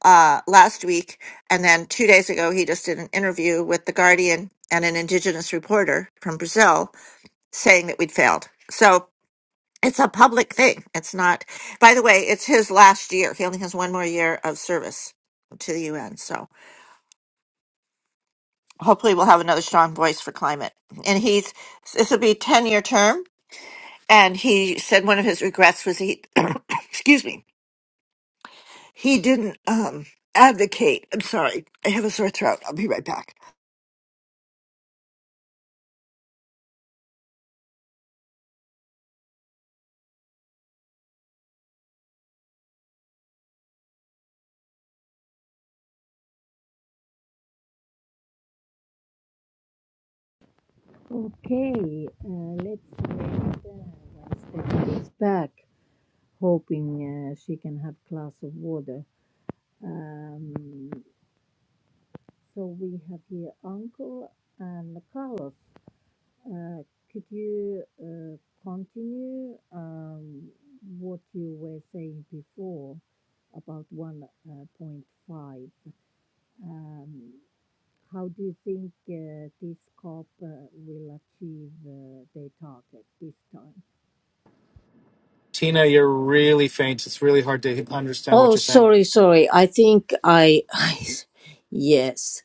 uh last week and then two days ago he just did an interview with the Guardian and an indigenous reporter from Brazil saying that we'd failed. So It's a public thing. It's not. By the way, it's his last year. He only has one more year of service to the UN. So hopefully, we'll have another strong voice for climate. And he's this will be a ten year term. And he said one of his regrets was he, excuse me, he didn't um, advocate. I'm sorry, I have a sore throat. I'll be right back. Okay, uh, let's wait uh, when Steph gets back, hoping uh, she can have glass of water. Um, so we have here Uncle and Carlos. Uh, could you uh, continue um, what you were saying before about 1.5? Um, How do you think uh, this COP uh, will achieve uh, their target this time? Tina, you're really faint. It's really hard to understand what Oh, you're saying. sorry, sorry. I think I, I, yes,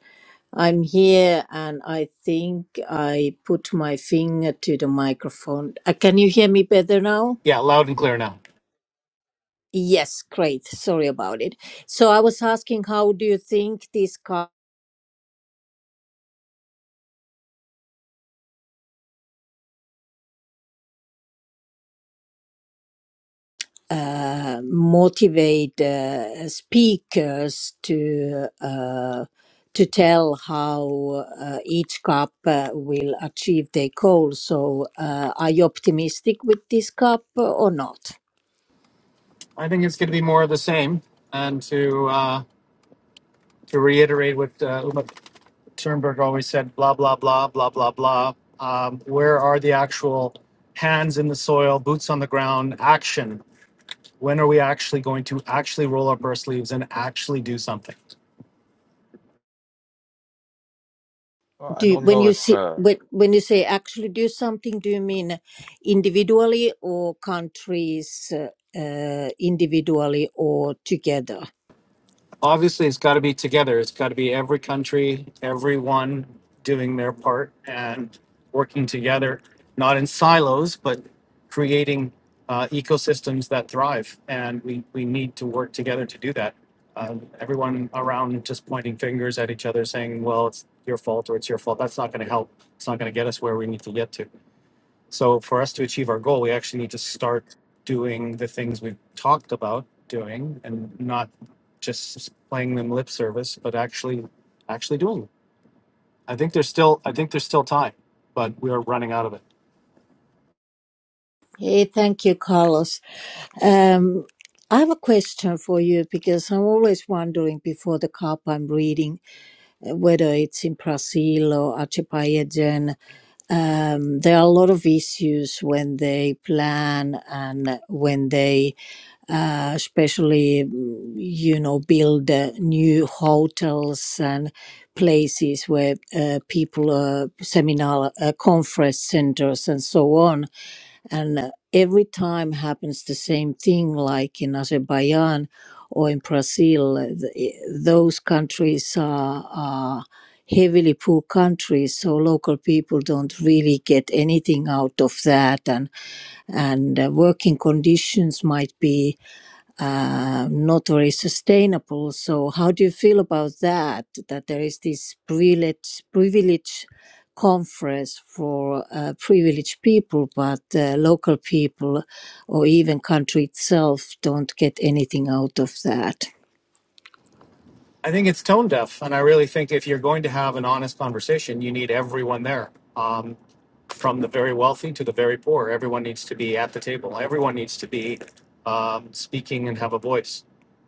I'm here and I think I put my finger to the microphone. Uh, can you hear me better now? Yeah, loud and clear now. Yes, great. Sorry about it. So I was asking, how do you think this uh, motivate uh, speakers to uh, to tell how uh, each cup uh, will achieve their goal. So, uh, are you optimistic with this cup or not? I think it's going to be more of the same. And to uh, to reiterate what uh, Uma Turnberg always said, blah blah blah blah blah blah. Um, where are the actual hands in the soil, boots on the ground action when are we actually going to actually roll up our sleeves and actually do something? Well, I Do you, don't when know you if see uh, when when you say actually do something, do you mean individually or countries uh, uh, individually or together? Obviously, it's got to be together. It's got to be every country, everyone doing their part and working together, not in silos, but creating uh, ecosystems that thrive. And we, we need to work together to do that. Um, everyone around just pointing fingers at each other saying, well, it's your fault or it's your fault. That's not going to help. It's not going to get us where we need to get to. So for us to achieve our goal, we actually need to start doing the things we've talked about doing and not just playing them lip service, but actually actually doing them. I think there's still I think there's still time, but we are running out of it. Hey, thank you, Carlos. Um, I have a question for you because I'm always wondering before the cup I'm reading uh, whether it's in Brazil or Archipayagen. Um, there are a lot of issues when they plan and when they, uh, especially, mm, you know, build uh, new hotels and places where uh, people, uh, seminar, uh, conference centers, and so on and uh, every time happens the same thing like in azerbaijan or in brazil uh, th- those countries are, are heavily poor countries so local people don't really get anything out of that and and uh, working conditions might be uh, not very sustainable. So, how do you feel about that? That there is this privilege, privilege conference for uh, privileged people, but uh, local people or even country itself don't get anything out of that. I think it's tone deaf, and I really think if you're going to have an honest conversation, you need everyone there. Um, from the very wealthy to the very poor. Everyone needs to be at the table. Everyone needs to be um, speaking and have a voice.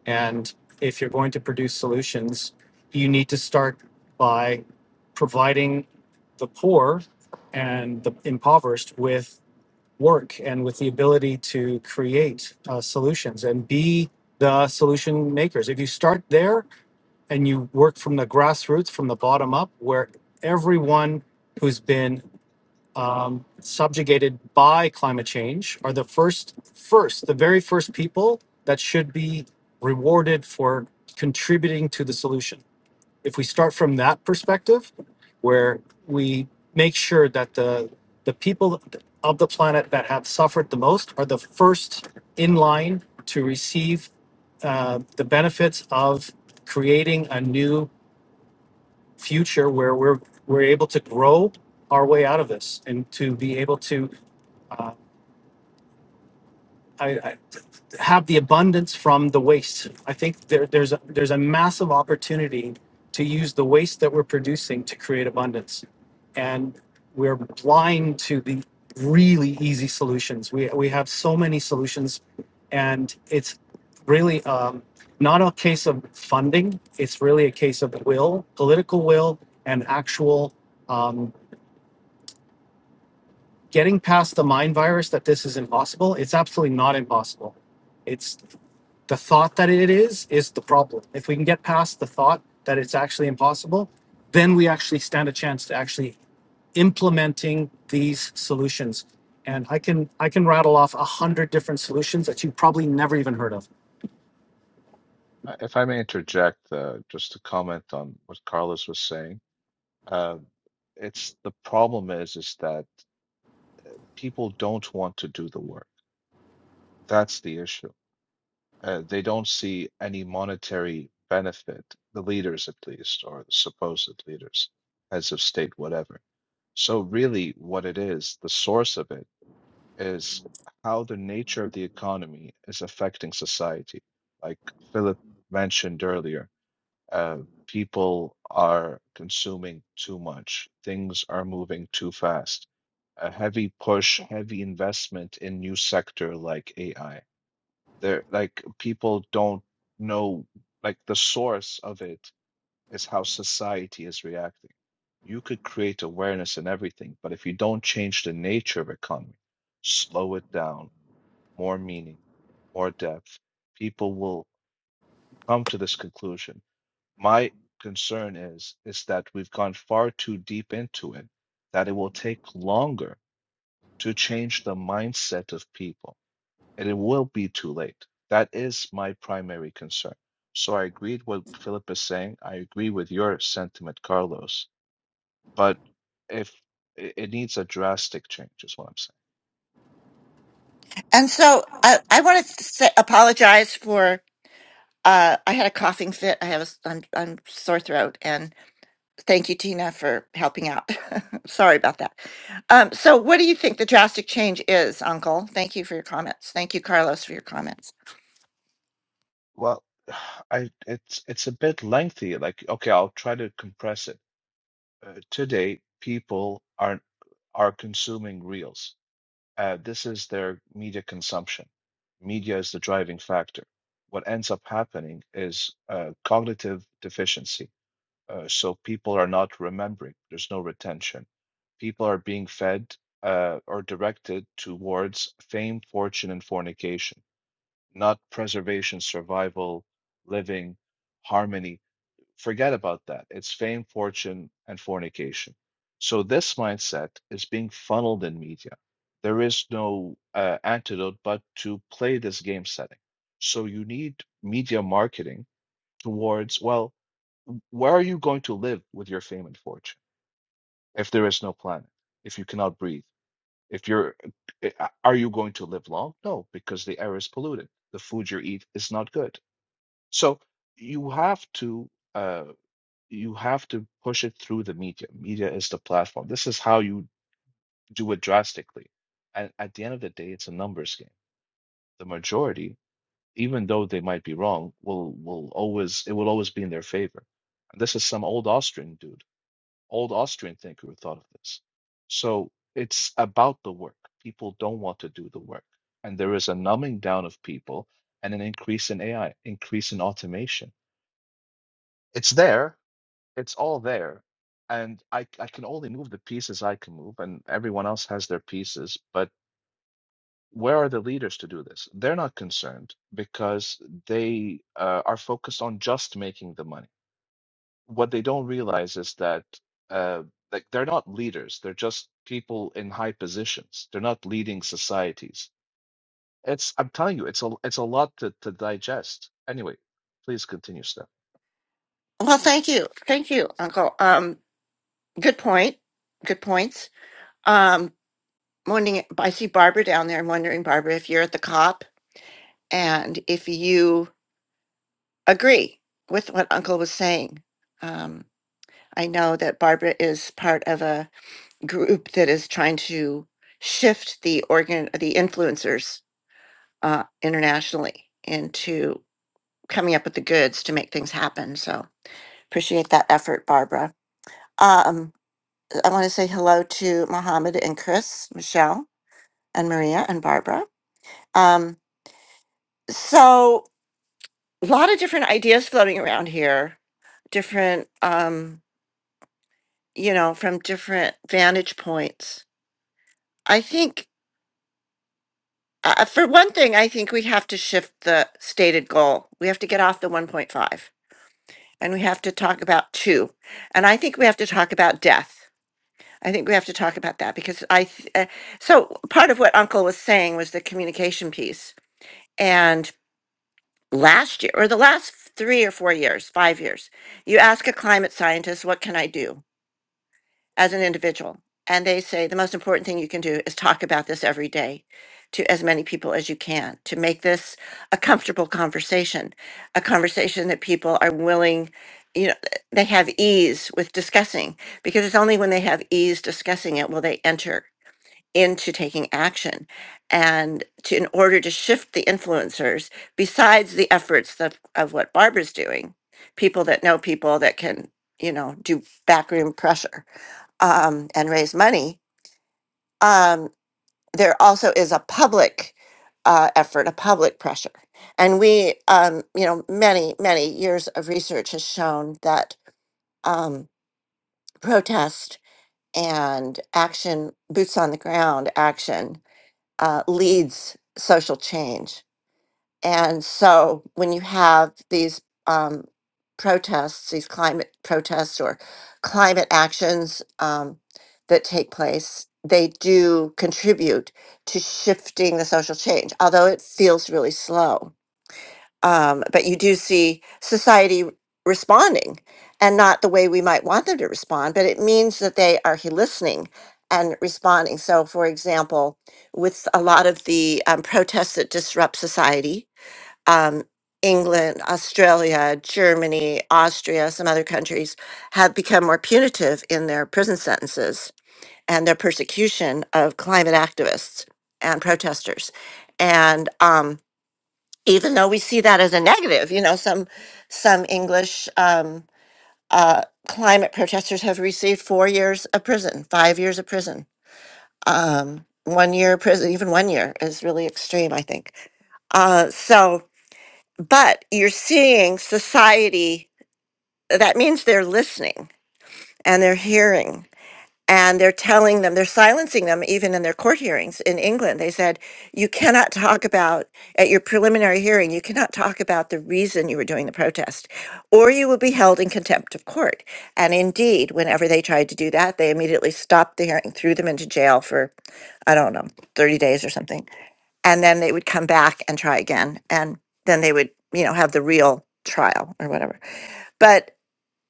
And if you're going to produce solutions, you need to start by providing the poor and the impoverished with work and with the ability to create uh, solutions and be the solution makers. If you start there and you work from the grassroots, from the bottom up, where everyone who's been um, subjugated by climate change are the first, first, the very first people that should be rewarded for contributing to the solution. If we start from that perspective, where we make sure that the the people of the planet that have suffered the most are the first in line to receive uh, the benefits of creating a new future where we're we're able to grow our way out of this and to be able to uh, I, I have the abundance from the waste. I think there, there's a, there's a massive opportunity to use the waste that we're producing to create abundance, and we're blind to the really easy solutions. We we have so many solutions, and it's really um, not a case of funding. It's really a case of will, political will, and actual. Um, Getting past the mind virus that this is impossible, it's absolutely not impossible It's the thought that it is is the problem if we can get past the thought that it's actually impossible then we actually stand a chance to actually implementing these solutions and i can i can rattle off a hundred different solutions that you have probably never even heard of if I may interject uh, just to comment on what Carlos was saying. Uh, it's the problem is is that people don't want to do the work. That's the issue. Uh, they don't see any monetary benefit, the leaders at least, or the supposed leaders, heads of state, whatever. So really, what it is, the source of it is how the nature of the economy is affecting society. Like Philip mentioned earlier uh, people are consuming too much. Things are moving too fast. A heavy push, heavy investment in new sector like AI. They're like people don't know like the source of it is how society is reacting. You could create awareness in everything, but if you don't change the nature of economy, slow it down, more meaning, more depth, people will come to this conclusion my concern is is that we've gone far too deep into it, that it will take longer to change the mindset of people, and it will be too late. That is my primary concern. So I agreed what Philip is saying. I agree with your sentiment, Carlos. But if it it needs a drastic change, is what I'm saying. And so I, I want to say, apologize for. Uh, I had a coughing fit. I have a s- I'm, I'm sore throat, Thank you, Tina, for helping out. Sorry about that. Um, so, what do you think the drastic change is, Uncle? Thank you for your comments. Thank you, Carlos, for your comments. Well, I it's it's a bit lengthy. Like, okay, I'll try to compress it. Uh, today, people are are consuming reels uh, this is their media consumption. Media is the driving factor. What ends up happening is uh, cognitive deficiency. Uh, so people are not remembering, there's no retention. People are being fed uh, or directed towards fame, fortune, and fornication, not preservation, survival, living, harmony, Forget about that. It's fame, fortune, and fornication. So this mindset is being funneled in media. There is no uh, antidote but to play this game setting. So you need media marketing towards, well, where are you going to live with your fame and fortune if there is no planet, if you cannot breathe? If you're, uh, uh, are you going to live long? No, because the air is polluted. The food you eat is not good. So you have to. Uh, you have to push it through the media. Media is the platform. This is how you do it drastically. And at the end of the day, it's a numbers game. The majority, even though they might be wrong, will will always it will always be in their favor. And this is some old Austrian dude, old Austrian thinker who thought of this. So it's about the work. People don't want to do the work. And there is a numbing down of people and an increase in AI, increase in automation. It's there it's all there and I, I can only move the pieces i can move and everyone else has their pieces but where are the leaders to do this they're not concerned because they uh, are focused on just making the money what they don't realize is that uh, like they're not leaders they're just people in high positions they're not leading societies it's i'm telling you it's a it's a lot to, to digest anyway please continue steph Well, thank you. Thank you, Uncle. Um, good point. Good points. Um, wondering, I see Barbara down there. I'm wondering, Barbara, if you're at the COP and if you agree with what Uncle was saying. Um, I know that Barbara is part of a group that is trying to shift the organ, the influencers uh, internationally into coming up with the goods to make things happen. So appreciate that effort, Barbara. Um, I want to say hello to Mohammed and Chris, Michelle and Maria and Barbara. Um, so a lot of different ideas floating around here, different, um, you know, from different vantage points. I think, uh, for one thing, I think we have to shift the stated goal. We have to get off the 1.5 and we have to talk about two. And I think we have to talk about death. I think we have to talk about that because I, th- uh, so part of what Uncle was saying was the communication piece. And last year, or the last three or four years, five years, you ask a climate scientist, what can I do? as an individual. And they say the most important thing you can do is talk about this every day to as many people as you can to make this a comfortable conversation, a conversation that people are willing, you know, they have ease with discussing because it's only when they have ease discussing it will they enter into taking action and to in order to shift the influencers besides the efforts of, of what barbara's doing people that know people that can you know do backroom pressure um, and raise money, um, there also is a public uh, effort, a public pressure. And we, um, you know, many, many years of research has shown that um, protest and action, boots on the ground action, uh, leads social change And so when you have these um, protests, these climate protests or climate actions um, that take place, they do contribute to shifting the social change, although it feels really slow. Um, but you do see society responding and not the way we might want them to respond, but it means that they are he- listening and responding. So, for example, with a lot of the um, protests that disrupt society, um, England, Australia, Germany, Austria, some other countries have become more punitive in their prison sentences and their persecution of climate activists and protesters. And um, even though we see that as a negative, you know, some some English um, uh, climate protesters have received four years of prison, five years of prison, um, one year prison, even one year is really extreme, I think. Uh, so but you're seeing society that means they're listening and they're hearing and they're telling them they're silencing them even in their court hearings in England they said you cannot talk about at your preliminary hearing you cannot talk about the reason you were doing the protest or you will be held in contempt of court and indeed whenever they tried to do that they immediately stopped the hearing threw them into jail for i don't know 30 days or something and then they would come back and try again and then they would you know have the real trial or whatever but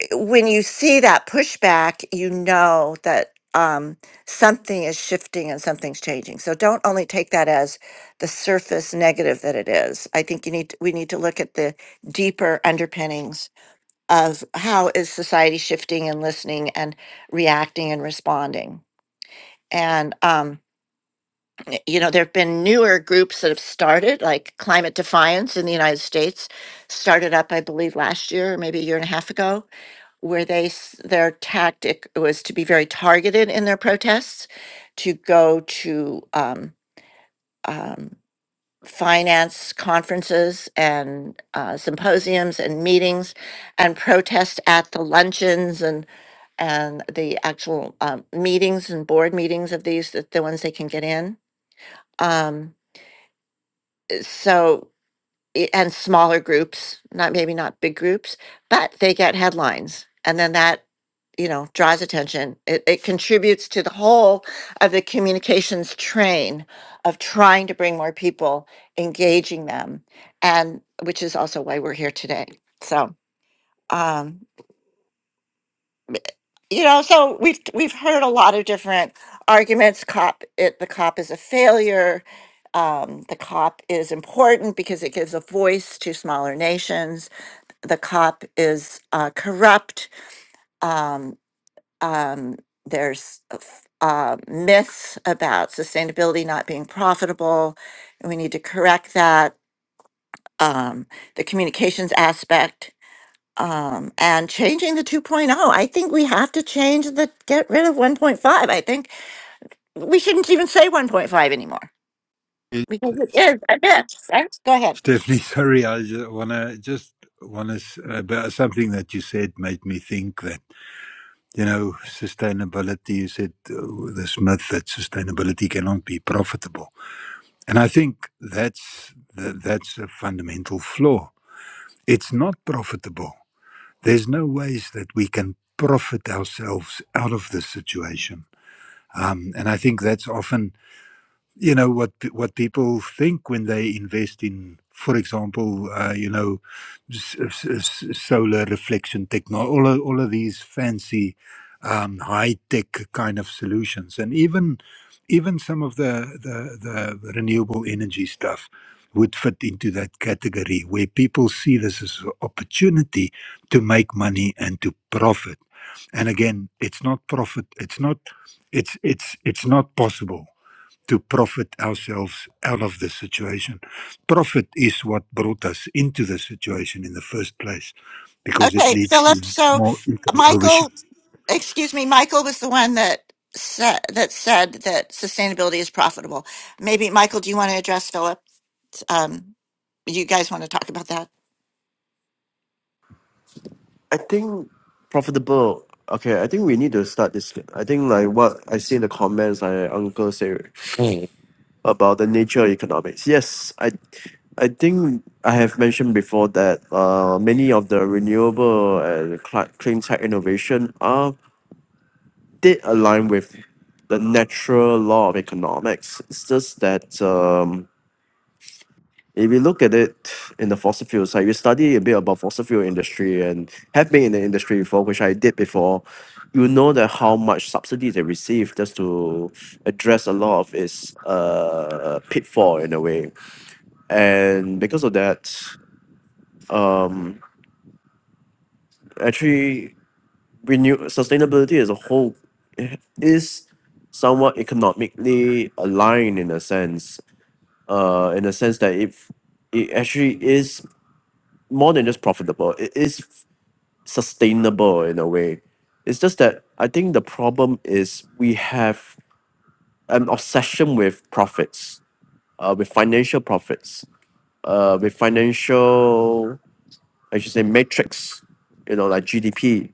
eh, when you see that pushback you know that um, something is shifting and something's changing so don't only take that as the surface negative that it is i think you need to, we need to look at the deeper underpinnings of how is society shifting and listening and reacting and responding and um, you know, there have been newer groups that have started, like Climate Defiance in the United States, started up, I believe, last year or maybe a year and a half ago, where they s- their tactic was to be very targeted in their protests, to go to um, um, finance conferences and uh, symposiums and meetings, and protest at the luncheons and and the actual um, meetings and board meetings of these, the the ones they can get in um so i- and smaller groups, not maybe not big groups, but they get headlines. And then that, you know, draws attention. It, it contributes to the whole of the communications train of trying to bring more people, engaging them, and which is also why we're here today. So, um, you know, so we've we've heard a lot of different arguments. Cop, it the cop is a failure. Um, the cop is important because it gives a voice to smaller nations the cop is uh, corrupt. Um, um, there's uh, f- uh, myths about sustainability not being profitable. and We need to correct that. Um, the communications aspect um, and changing the 2.0. I think we have to change the get rid of 1.5. I think we shouldn't even say 1.5 anymore Eh, because it is a myth. right? Go ahead. Stephanie, sorry, I just wanna just wanna s- about something that you said made me think that you know sustainability. You said uh, this myth that sustainability cannot be profitable, and I think that's tha- that's a fundamental flaw. It's not profitable. There's no ways that we can profit ourselves out of this situation, um, and I think that's often you know what what people think when they invest in for example uh, you know s- s- s- solar reflection technology all of, all of these fancy um, high tech kind of solutions and even even some of the, the the renewable energy stuff would fit into that category where people see this as an opportunity to make money and to profit and again it's not profit it's not it's it's it's not possible to profit ourselves out of the situation. Profit is what brought us into the situation in the first place because it Okay, leads Philip. to So, more ego Michael. overshoot. excuse me, Michael was the one that said that said that sustainability is profitable. Maybe Michael, do you want to address Philip? Um, you guys want to talk about that? I think profitable. Okay, I think we need to start this. I think like what I see in the comments, like Uncle say. about the nature of economics. Yes, I I think I have mentioned before that uh, many of the renewable and cli- clean tech innovation are did align with the natural law of economics. It's just that um, if you look at it in the fossil fuel side, you study a bit about fossil fuel industry and have been in the industry before, which I did before. You know that how much subsidy they receive just to address a lot of its uh, pitfall in a way and because of that, um, actually, renew sustainability as a whole is somewhat economically aligned in a sense. Uh, in a sense that if it actually is more than just profitable, it is sustainable in a way. It's just that I think the problem is we have an obsession with profits, uh, with financial profits, uh, with financial I should say matrix, you know, like GDP,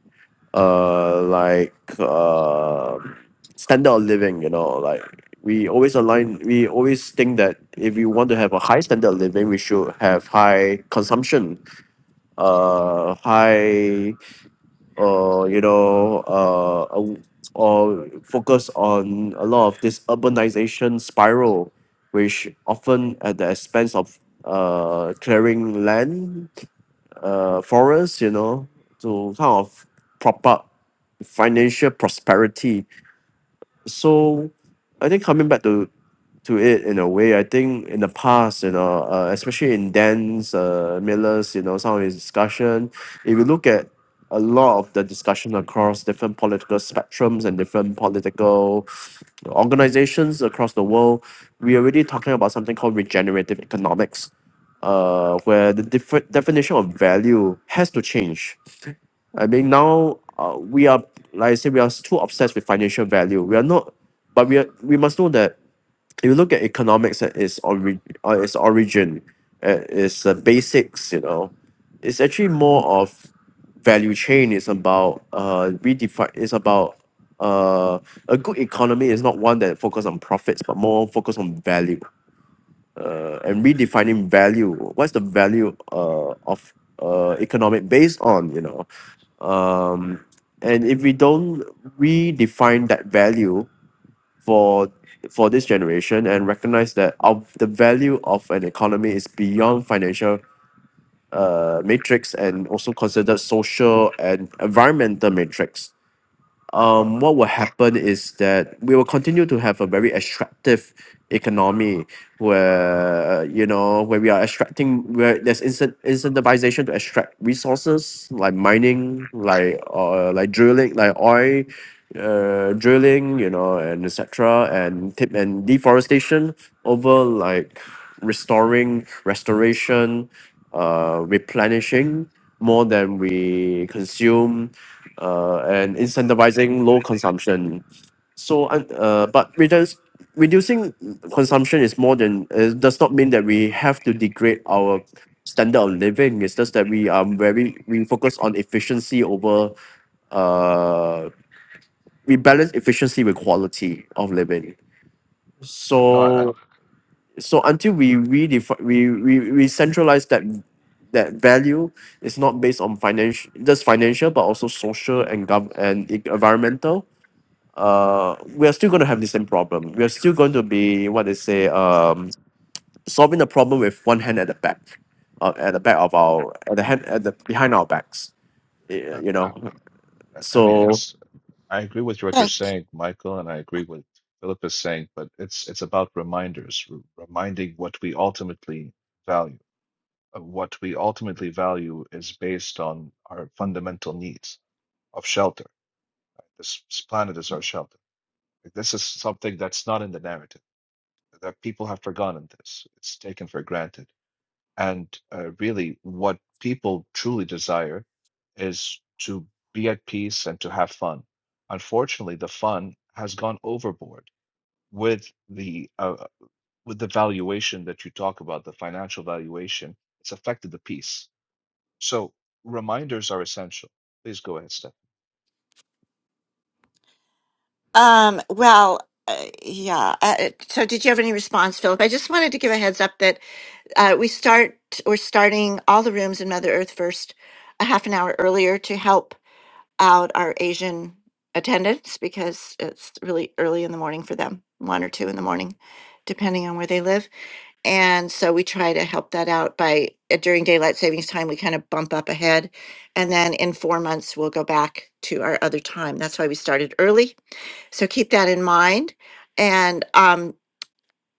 uh, like uh, standard of living, you know, like we always align, we always think that if we want to have a high standard of living, we should have high consumption, uh, high, uh, you know, uh, a- or focus on a lot of this urbanization spiral, which often at the expense of uh, clearing land uh, for us, you know, to kind of prop up financial prosperity so I think coming back to to it in a way, I think in the past, you know, uh, especially in Dan's uh, Miller's, you know, some of his discussion, if you look at a lot of the discussion across different political spectrums and different political organizations across the world, we're already talking about something called regenerative economics, uh, where the different definition of value has to change I mean, now uh, we are, like I said, we are too obsessed with financial value. We are not, but we are, we must know that if you look at economics at its, ori- uh, its origin, uh, its uh, basics, you know, it's actually more of value chain. It's about uh, redefine. It's about uh, a good economy is not one that focus on profits, but more focus on value. Uh, and redefining value. What's the value uh, of uh, economic based on? You know, um, and if we don't redefine that value for for this generation and recognize that of the value of an economy is beyond financial uh, matrix and also considered social and environmental matrix or um, what will happen is that we will continue to have a very extractive economy where you know where we are extracting where there's incent- incentivization to extract resources like mining like uh, like drilling like oil uh, drilling you know and etc and tip and deforestation over like restoring restoration uh replenishing more than we consume uh, and incentivizing low consumption. So, un- uh, but reduce, reducing consumption is more than it does not mean that we have to degrade our standard of living. It's just that we are very we focus on efficiency over uh, we balance efficiency with quality of living. no i So so until we redefine we we, we centralize that that value is not based on financial just financial but also social and gov and e- environmental uh, we are still going to have the same problem. We are still going to be what they say, um, solving the problem with one hand at the back, uh, at the back of our, at the hand, at the behind our backs. y- i, You I know, I mean so it's I agree with what you're Thank. saying, Michael, and I agree with Philip is saying, but it's it's about reminders, r- reminding what we ultimately value. Uh, What we ultimately value is based on our fundamental needs of shelter. This, this planet is our shelter. This is something that's not in the narrative. That people have forgotten this. It's taken for granted. And uh, really, what people truly desire is to be at peace and to have fun. Unfortunately, the fun has gone overboard with the uh, with the valuation that you talk about, the financial valuation. It's affected the peace. So reminders are essential. Please go ahead, Steph. Um, well, uh, yeah. Uh, uh, so, did you have any response, Philip? I just wanted to give a heads up that uh, we start we're starting all the rooms in Mother Earth first a half an hour earlier to help out our Asian attendants because it's really early in the morning for them, one or two in the morning, depending on where they live. And so we try to help that out by uh, during daylight savings time, we kind of bump up ahead. And then in four months, we'll go back to our other time. That's why we started early. So keep that in mind. And um,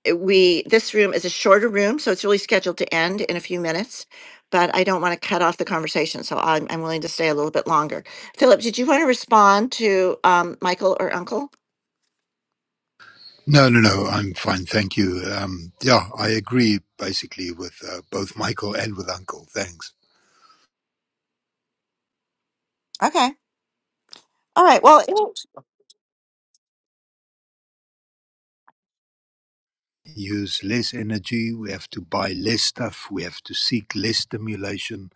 it- we this room is a shorter room, so it's really scheduled to end in a few minutes. But I don't want to cut off the conversation, so I'm, I'm willing to stay a little bit longer. Philip, did you want to respond to um, Michael or Uncle? No, no, no, I'm fine. Thank you. Um, yeah, I agree basically with uh, both Michael and with Uncle. Thanks. Okay. All right. Well, Use less energy. We have to buy less stuff. We have to seek less stimulation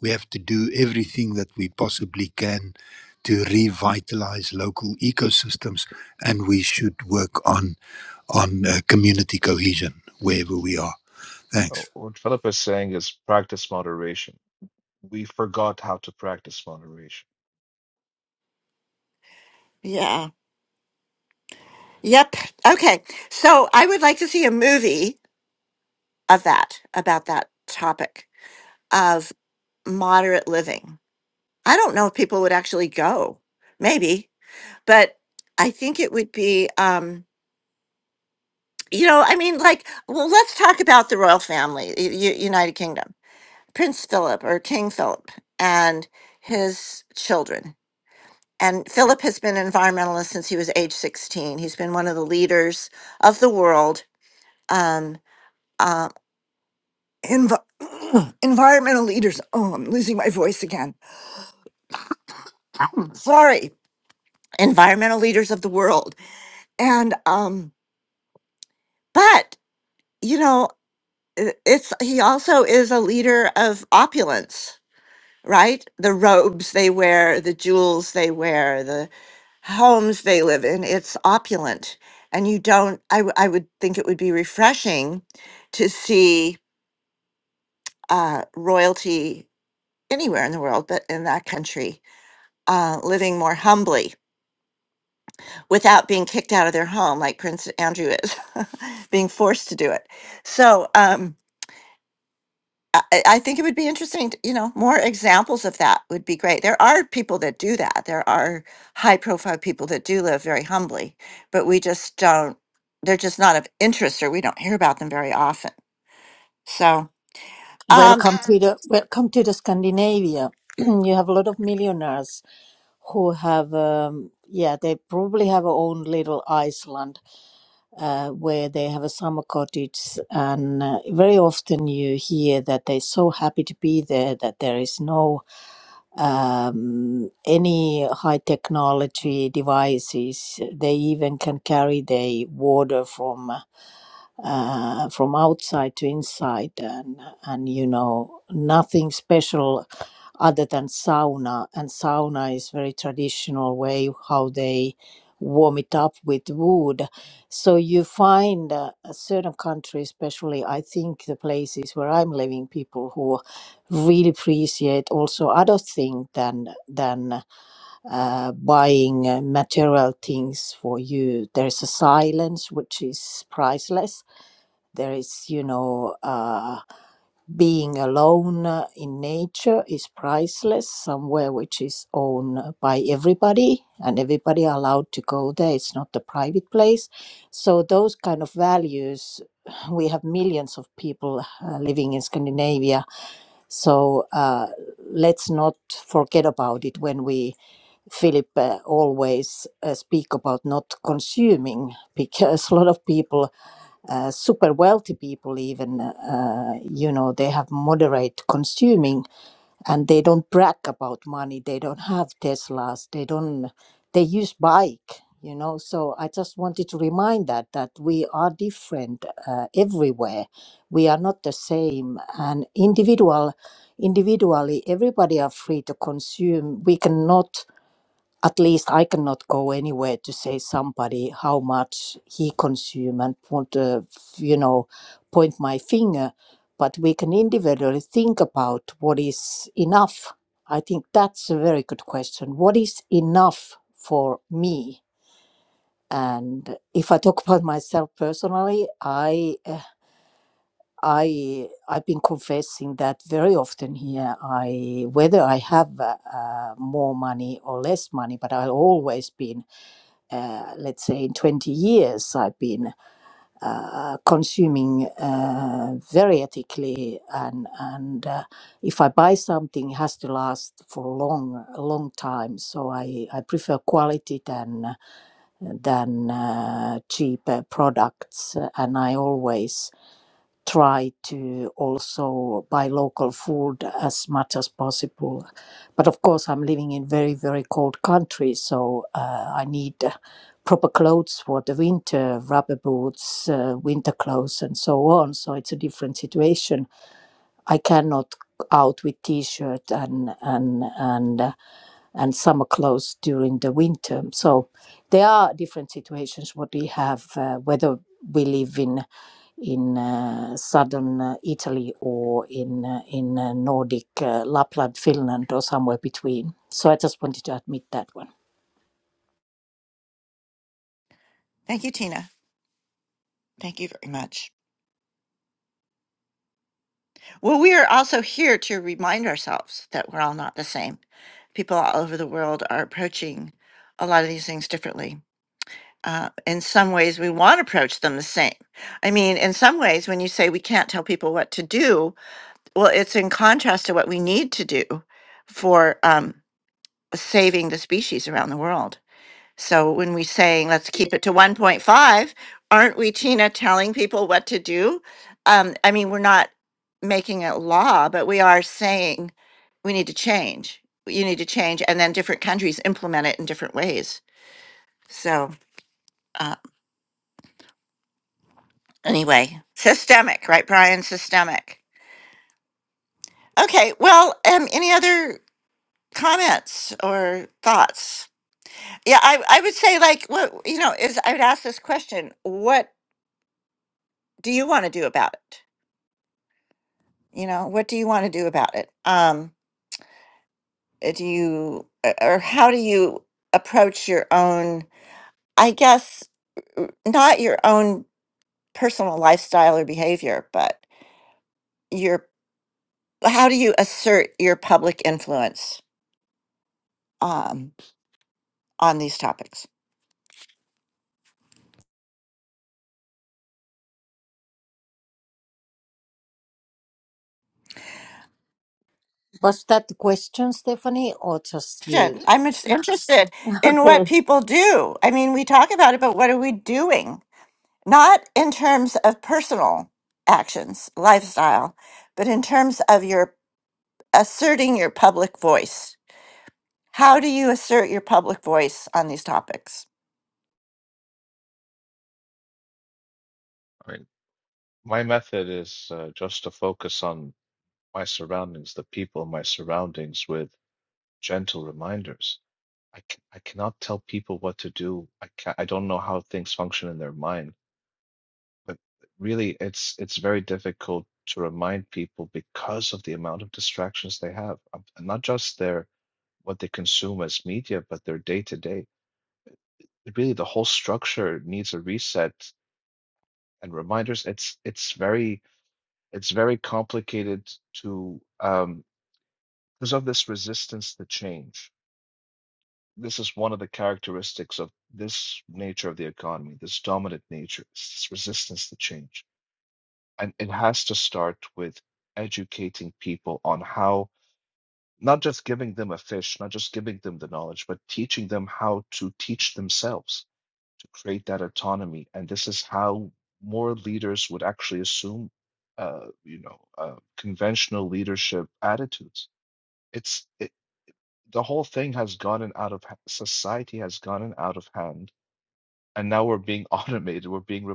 We have to do everything that we possibly can to revitalize local ecosystems, and we should work on on uh, community cohesion wherever we are. Thanks. Oh, what Philip is saying is practice moderation. We forgot how to practice moderation. yeah. Yep. Okay. So I would like to see a movie of that about that topic of moderate living. I don't know if people would actually go, maybe, but I think it would be, um, you know, I mean, like, well, let's talk about the royal family, U- U- United Kingdom, Prince Philip or King Philip and his children. And Philip has been an environmentalist since he was age 16. He's been one of the leaders of the world um, uh, Envi- environmental leaders. Oh, I'm losing my voice again. sorry, environmental leaders of the world. And um, but you know, i- it's he also is a leader of opulence, right? The robes they wear, the jewels they wear, the homes they live in, it's opulent. And you don't, I, w- I would think it would be refreshing to see uh, royalty anywhere in the world, but in that country, uh, living more humbly without being kicked out of their home like Prince Andrew is, being forced to do it. So um, I, I I think it would be interesting, to, you know, more examples of that would be great. There are people that do that. There are high profile people that do live very humbly, but we just don't, they're just not of interest or we don't hear about them very often. So um, Welcome to the welcome to the Scandinavia. you have a lot of millionaires who have um, yeah they probably have their own little Iceland uh, where they have a summer cottage, and uh, very often you hear that they're so happy to be there that there is no um, any high technology devices. They even can carry their water from. uh, uh, from outside to inside and and you know nothing special other than sauna and sauna is very traditional way how they warm it up with wood so you find uh, a certain countries especially i think the places where i'm living people who really appreciate also other things than than uh, buying uh, material things for you there's a silence which is priceless there is you know uh, being alone uh, in nature is priceless somewhere which is owned by everybody and everybody are allowed to go there it's not a private place so those kind of values we have millions of people uh, living in scandinavia so uh, let's not forget about it when we Philip uh, always uh, speak about not consuming because a lot of people uh, super wealthy people even uh, you know they have moderate consuming and they don't brag about money they don't have teslas they don't they use bike you know so i just wanted to remind that that we are different uh, everywhere we are not the same and individual individually everybody are free to consume we cannot at least I cannot go anywhere to say somebody how much he consume and want to, you know, point my finger. But we can individually think about what is enough. I think that's a very good question. What is enough for me? And if I talk about myself personally, I, uh, I, I've been confessing that very often here. I whether I have uh, uh, more money or less money, but I've always been uh, let's say in 20 years i've been uh, consuming uh, very ethically and and uh, if i buy something it has to last for a long a long time so i i prefer quality than than uh, cheap uh, products Uh, and i always try to also buy local food as much as possible. But of course, I'm living in very, very cold country, so uh, I need uh, proper clothes for the winter, rubber boots, uh, winter clothes, and so on. So it's a different situation. I cannot out with t-shirt and and and uh, and some are closed during the winter. So there are different situations what we have, uh, whether we live in in uh, southern uh, Italy or in uh, in uh, Nordic uh, Lapland, Finland, or somewhere between. So I just wanted to admit that one. thank you, Tina. Thank you very much. Well, we are also here to remind ourselves that we're all not the same. People all over the world are approaching a lot of these things differently. Uh, in some ways, we want to approach them the same. I mean, in some ways, when you say we can't tell people what to do, well, it's in contrast to what we need to do for um, saving the species around the world. So when we saying let's keep it to one point five, aren't we, Tina, telling people what to do? Um, I mean, we're not making it law, but we are saying we need to change. You need to change, and then different countries implement it in different ways. So uh, anyway, systemic, right, Brian? Systemic. Okay. Well, um, any other comments or thoughts? Yeah, I, I would say like what you know is I would ask this question: What do you want to do about it? you know what do you want to do about it um uh, do you uh, or how do you approach your own i guess uh, not your own personal lifestyle or behavior but your how do you assert your public influence um on these topics Was that the question, Stephanie, or just Shit, you? i'm just interested in what Okay. people do i mean we talk about it but what are we doing not in terms of personal actions lifestyle but in terms of your asserting your public voice. How do you assert your public voice on these topics? I mean, my method is uh, just to focus on my surroundings, the people in my surroundings, with gentle reminders. I, c- I cannot tell people what to do. I ca I don't know how things function in their mind, but really, it's it's very difficult to remind people because of the amount of distractions they have, Um, and not just their what they consume as media, but their day to day. Really, the whole structure needs a reset and reminders. It's it's very it's very complicated to um, because of this resistance to change this is one of the characteristics of this nature of the economy, this dominant nature, this resistance to change. And it has to start with educating people on how, not just giving them a fish, not just giving them the knowledge, but teaching them how to teach themselves to create that autonomy. And this is how more leaders would actually assume, uh, you know, uh, conventional leadership attitudes. It's it, the whole thing has gotten out of ha- society has gotten out of hand and now we're being automated. We're being re-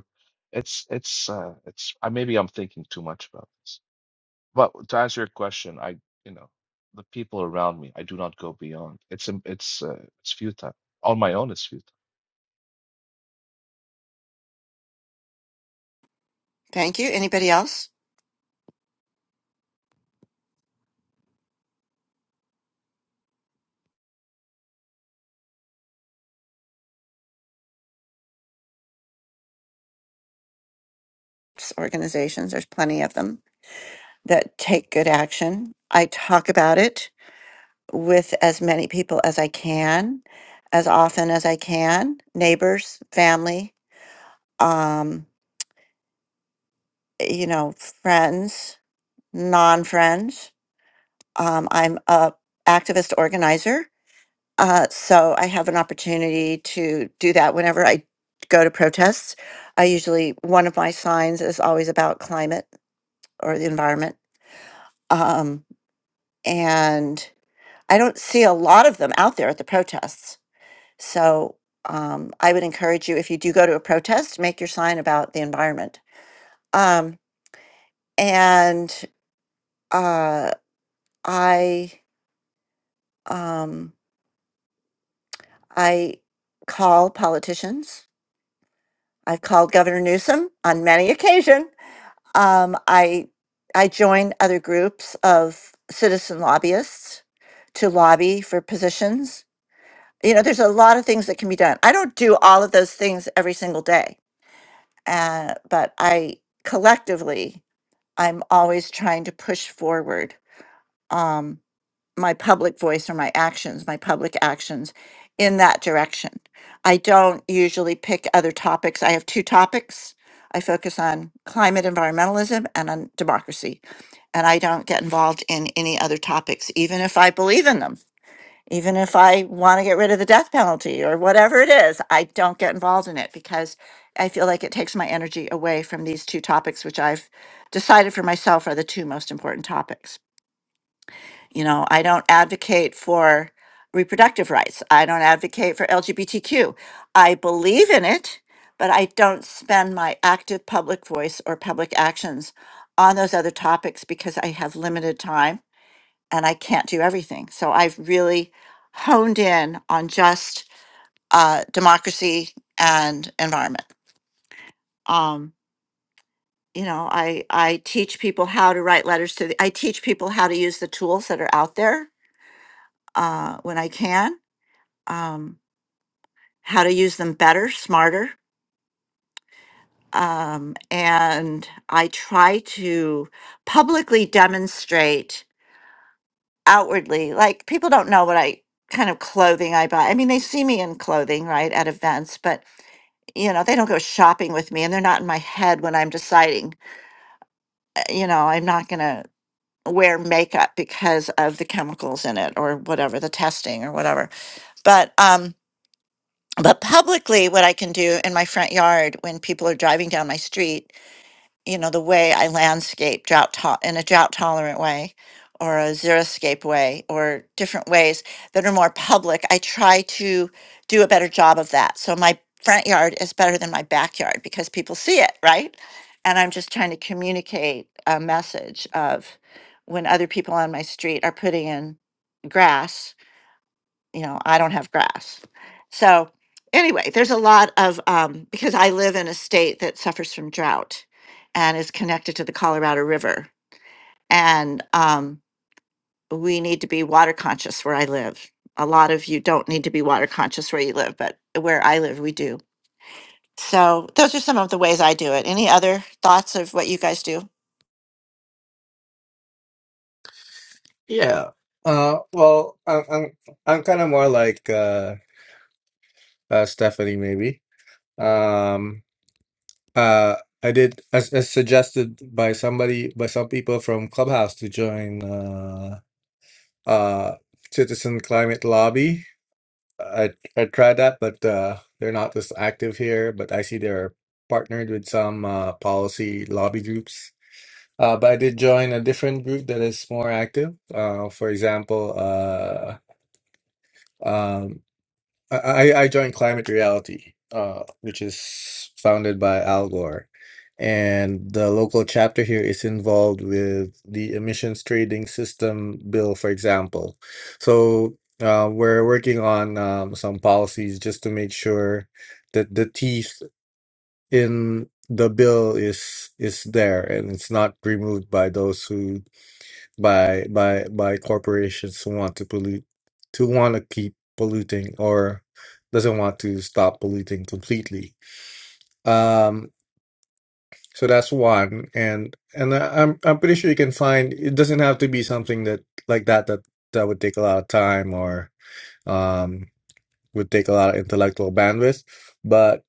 it's it's uh it's I maybe I'm thinking too much about this. But to answer your question, I you know the people around me, I do not go beyond. It's im- it's uh, it's futile. On my own, it's futile. Thank you. Anybody else? Organizations, there's plenty of them that take good action. I talk about it with as many people as I can, as often as I can, neighbors, family, um, you know, friends, non-friends. Um, I'm a activist organizer Uh, so I have an opportunity to do that whenever I go to protests. I usually, one of my signs is always about climate or the environment. Um, and I don't see a lot of them out there at the protests. So um, I would encourage you, if you do go to a protest, make your sign about the environment. Um, and uh, I, um, I call politicians. I've called Governor Newsom on many occasions Um, I I join other groups of citizen lobbyists to lobby for positions. You know, there's a lot of things that can be done. I don't do all of those things every single day, uh, but I collectively, I'm always trying to push forward um, my public voice or my actions, my public actions in that direction. I don't usually pick other topics. I have two topics. I focus on climate environmentalism and on democracy and I don't get involved in any other topics, even if I believe in them, even if I want to get rid of the death penalty or whatever it is, I don't get involved in it because I feel like it takes my energy away from these two topics, which I've decided for myself are the two most important topics. You know, I don't advocate for reproductive rights, I don't advocate for LGBTQ. I believe in it, but I don't spend my active public voice or public actions on those other topics because I have limited time and I can't do everything. So I've really honed in on just uh, democracy and environment. Um, you know, I I teach people how to write letters to the. I teach people how to use the tools that are out there uh, when I can. Um, how to use them better, smarter. Um, and I try to publicly demonstrate outwardly like people don't know what i kind of clothing i buy i mean they see me in clothing right at events but you know they don't go shopping with me and they're not in my head when i'm deciding uh, you know i'm not going to wear makeup because of the chemicals in it or whatever the testing or whatever but um but publicly what i can do in my front yard when people are driving down my street you know, the way I landscape drought to- in a drought tolerant way or a xeriscape way or different ways that are more public. I try to do a better job of that. So my front yard is better than my backyard because people see it, right? And I'm just trying to communicate a message of when other people on my street are putting in grass you know, I don't have grass. So anyway, there's a lot of um, because I live in a state that suffers from drought and is connected to the Colorado River, and um, we need to be water conscious where I live. A lot of you don't need to be water conscious where you live, but where I live, we do. So those are some of the ways I do it. Any other thoughts of what you guys do? Yeah. Uh, well, I'm I'm I'm kind of more like uh, uh, Stephanie maybe. Um, Uh, I did as, as suggested by somebody by some people from Clubhouse to join uh, uh, Citizen Climate Lobby. I I tried that, but uh, they're not as active here. But I see they're partnered with some uh, policy lobby groups. Uh, but I did join a different group that is more active. Uh, for example, uh, um, I, I I joined Climate Reality, uh, which is founded by Al Gore. And the local chapter here is involved with the emissions trading system bill, for example. So uh, we're working on um, some policies just to make sure that the teeth in the bill is is there and it's not removed by those who by by by corporations who want to pollute to want to keep polluting or doesn't want to stop polluting completely um so that's one and and I- i'm i'm pretty sure you can find it doesn't have to be something that like that that that would take a lot of time or um would take a lot of intellectual bandwidth but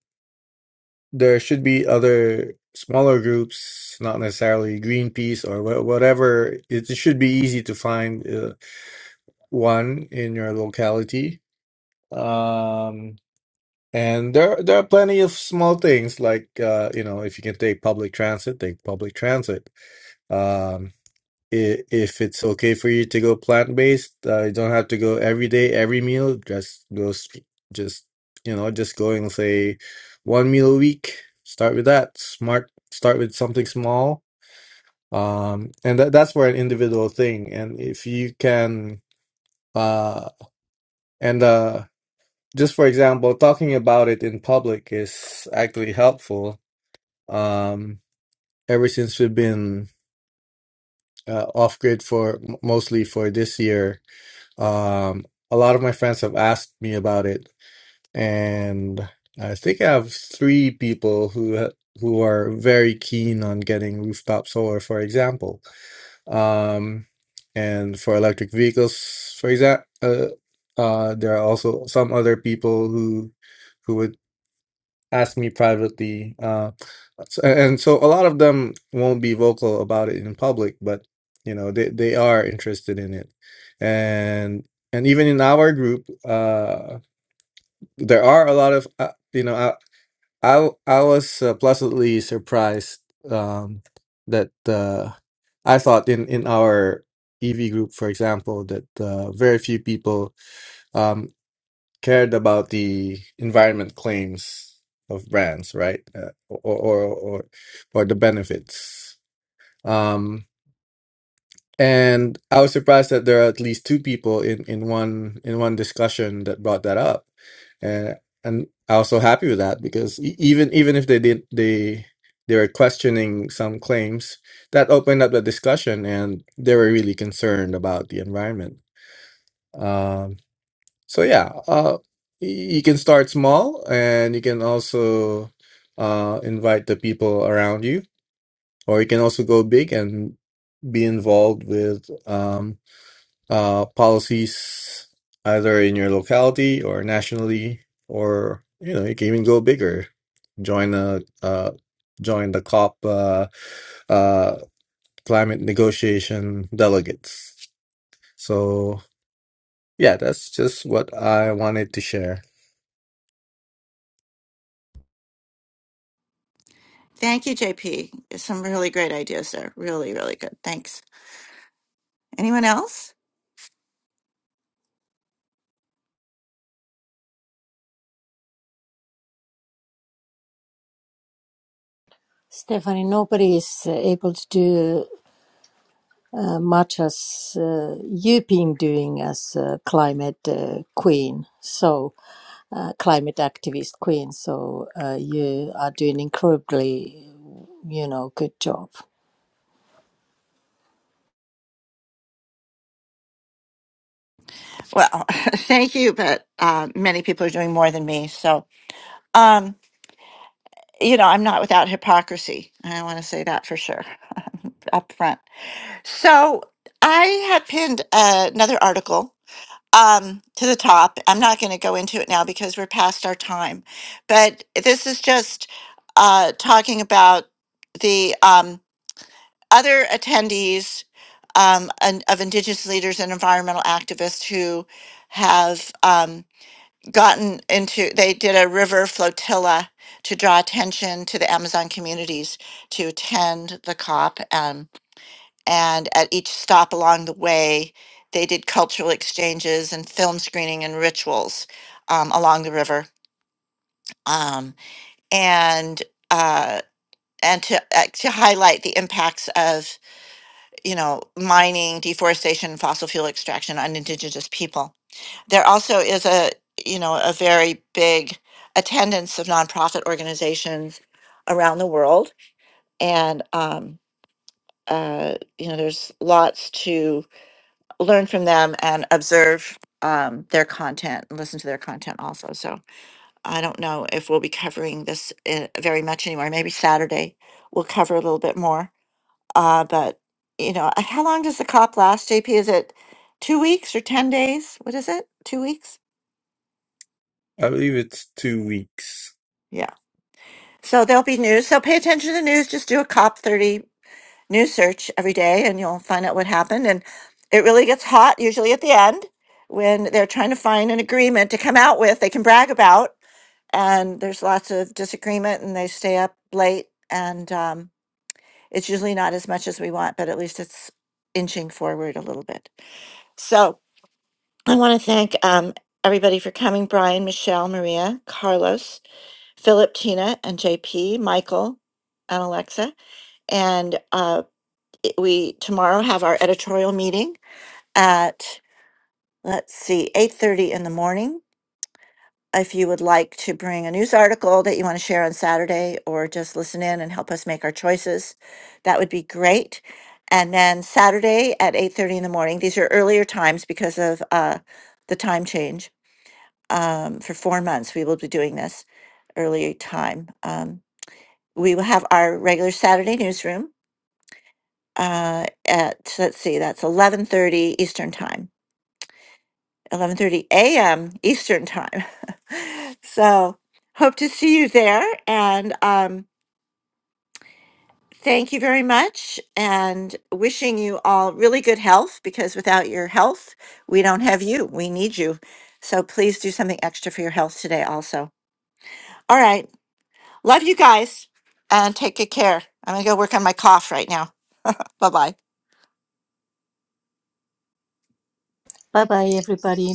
there should be other smaller groups not necessarily greenpeace or wha- whatever it should be easy to find uh, one in your locality. Um, and there there are plenty of small things like uh, you know, if you can take public transit, take public transit. Um, i- if it's okay for you to go plant-based, uh, you don't have to go every day, every meal. Just go, s- just you know, just going say one meal a week. Start with that. Smart. Start with something small. Um, and that that's for an individual thing. And if you can, uh, and uh just for example, talking about it in public is actually helpful. Um, ever since we've been uh, off grid for m- mostly for this year, um, a lot of my friends have asked me about it, and I think I have three people who ha- who are very keen on getting rooftop solar, for example, um, and for electric vehicles, for example. Uh, uh, there are also some other people who who would. ask me privately. Uh, s- and so a lot of them won't be vocal about it in public, but you know they, they are interested in it, and and even in our group, uh, there are a lot of uh, you know I I, w- I was uh, pleasantly surprised um, that uh, I thought in in our EV group, for example, that uh, very few people um, cared about the environment claims of brands, right? Uh, or, or or or the benefits. Um, and I was surprised that there are at least two people in, in one in one discussion that brought that up, and and I was so happy with that because e- even even if they did they they were questioning some claims that opened up the discussion and they were really concerned about the environment Um, so yeah, uh, y- you can start small, and you can also uh, invite the people around you, or you can also go big and be involved with um, uh, policies either in your locality or nationally, or you know you can even go bigger, join a uh, join the COP uh, uh, climate negotiation delegates. So yeah, that's just what I wanted to share. Thank you, JP. Some really great ideas there. Really, really good. Thanks. Anyone else? Stephanie, nobody is uh, able to do uh, much as uh, you've been doing as uh, climate uh, queen. So uh, climate activist queen. So uh, you are doing incredibly, you know, good job. Well, thank you, but uh, many people are doing more than me. So, um, you know, I'm not without hypocrisy. I want to say that for sure up front. So, I had pinned uh, another article um, to the top. I'm not going to go into it now because we're past our time, but this is just uh, talking about the um, other attendees um, and, of Indigenous leaders and environmental activists who have. Um, gotten into they did a river flotilla to draw attention to the amazon communities to attend the cop um, and at each stop along the way they did cultural exchanges and film screening and rituals um, along the river um, and uh, and to uh, to highlight the impacts of you know mining deforestation fossil fuel extraction on indigenous people there also is a you know a very big attendance of nonprofit organizations around the world and um, uh, you know there's lots to learn from them and observe um, their content and listen to their content also so i don't know if we'll be covering this uh, very much anymore maybe saturday we'll cover a little bit more uh, but you know uh, how long does the cop last jp is it two weeks or ten days what is it two weeks I believe it's two weeks. yeah So there'll be news. So pay attention to the news. Just do a COP30 news search every day and you'll find out what happened. And it really gets hot, usually at the end, when they're trying to find an agreement to come out with, they can brag about. And there's lots of disagreement and they stay up late. And um, it's usually not as much as we want, but at least it's inching forward a little bit. So I want to thank um, everybody for coming Brian, Michelle, Maria, Carlos. Philip, Tina, and JP, Michael, and Alexa. And uh, it- we tomorrow have our editorial meeting at let's see, eight thirty in the morning. If you would like to bring a news article that you want to share on Saturday, or just listen in and help us make our choices, that would be great. And then Saturday at eight thirty in the morning. These are earlier times because of uh, the time change. Um, for four months, we will be doing this early time. Um, we will have our regular Saturday newsroom uh, at let's see, that's eleven thirty Eastern time, eleven thirty a.m. Eastern time. so hope to see you there, and um, thank you very much, and wishing you all really good health because without your health, we don't have you. We need you. So please do something extra for your health today, also. All right, love you guys, and take good care. I'm gonna go work on my cough right now. Bye bye. Bye bye, everybody.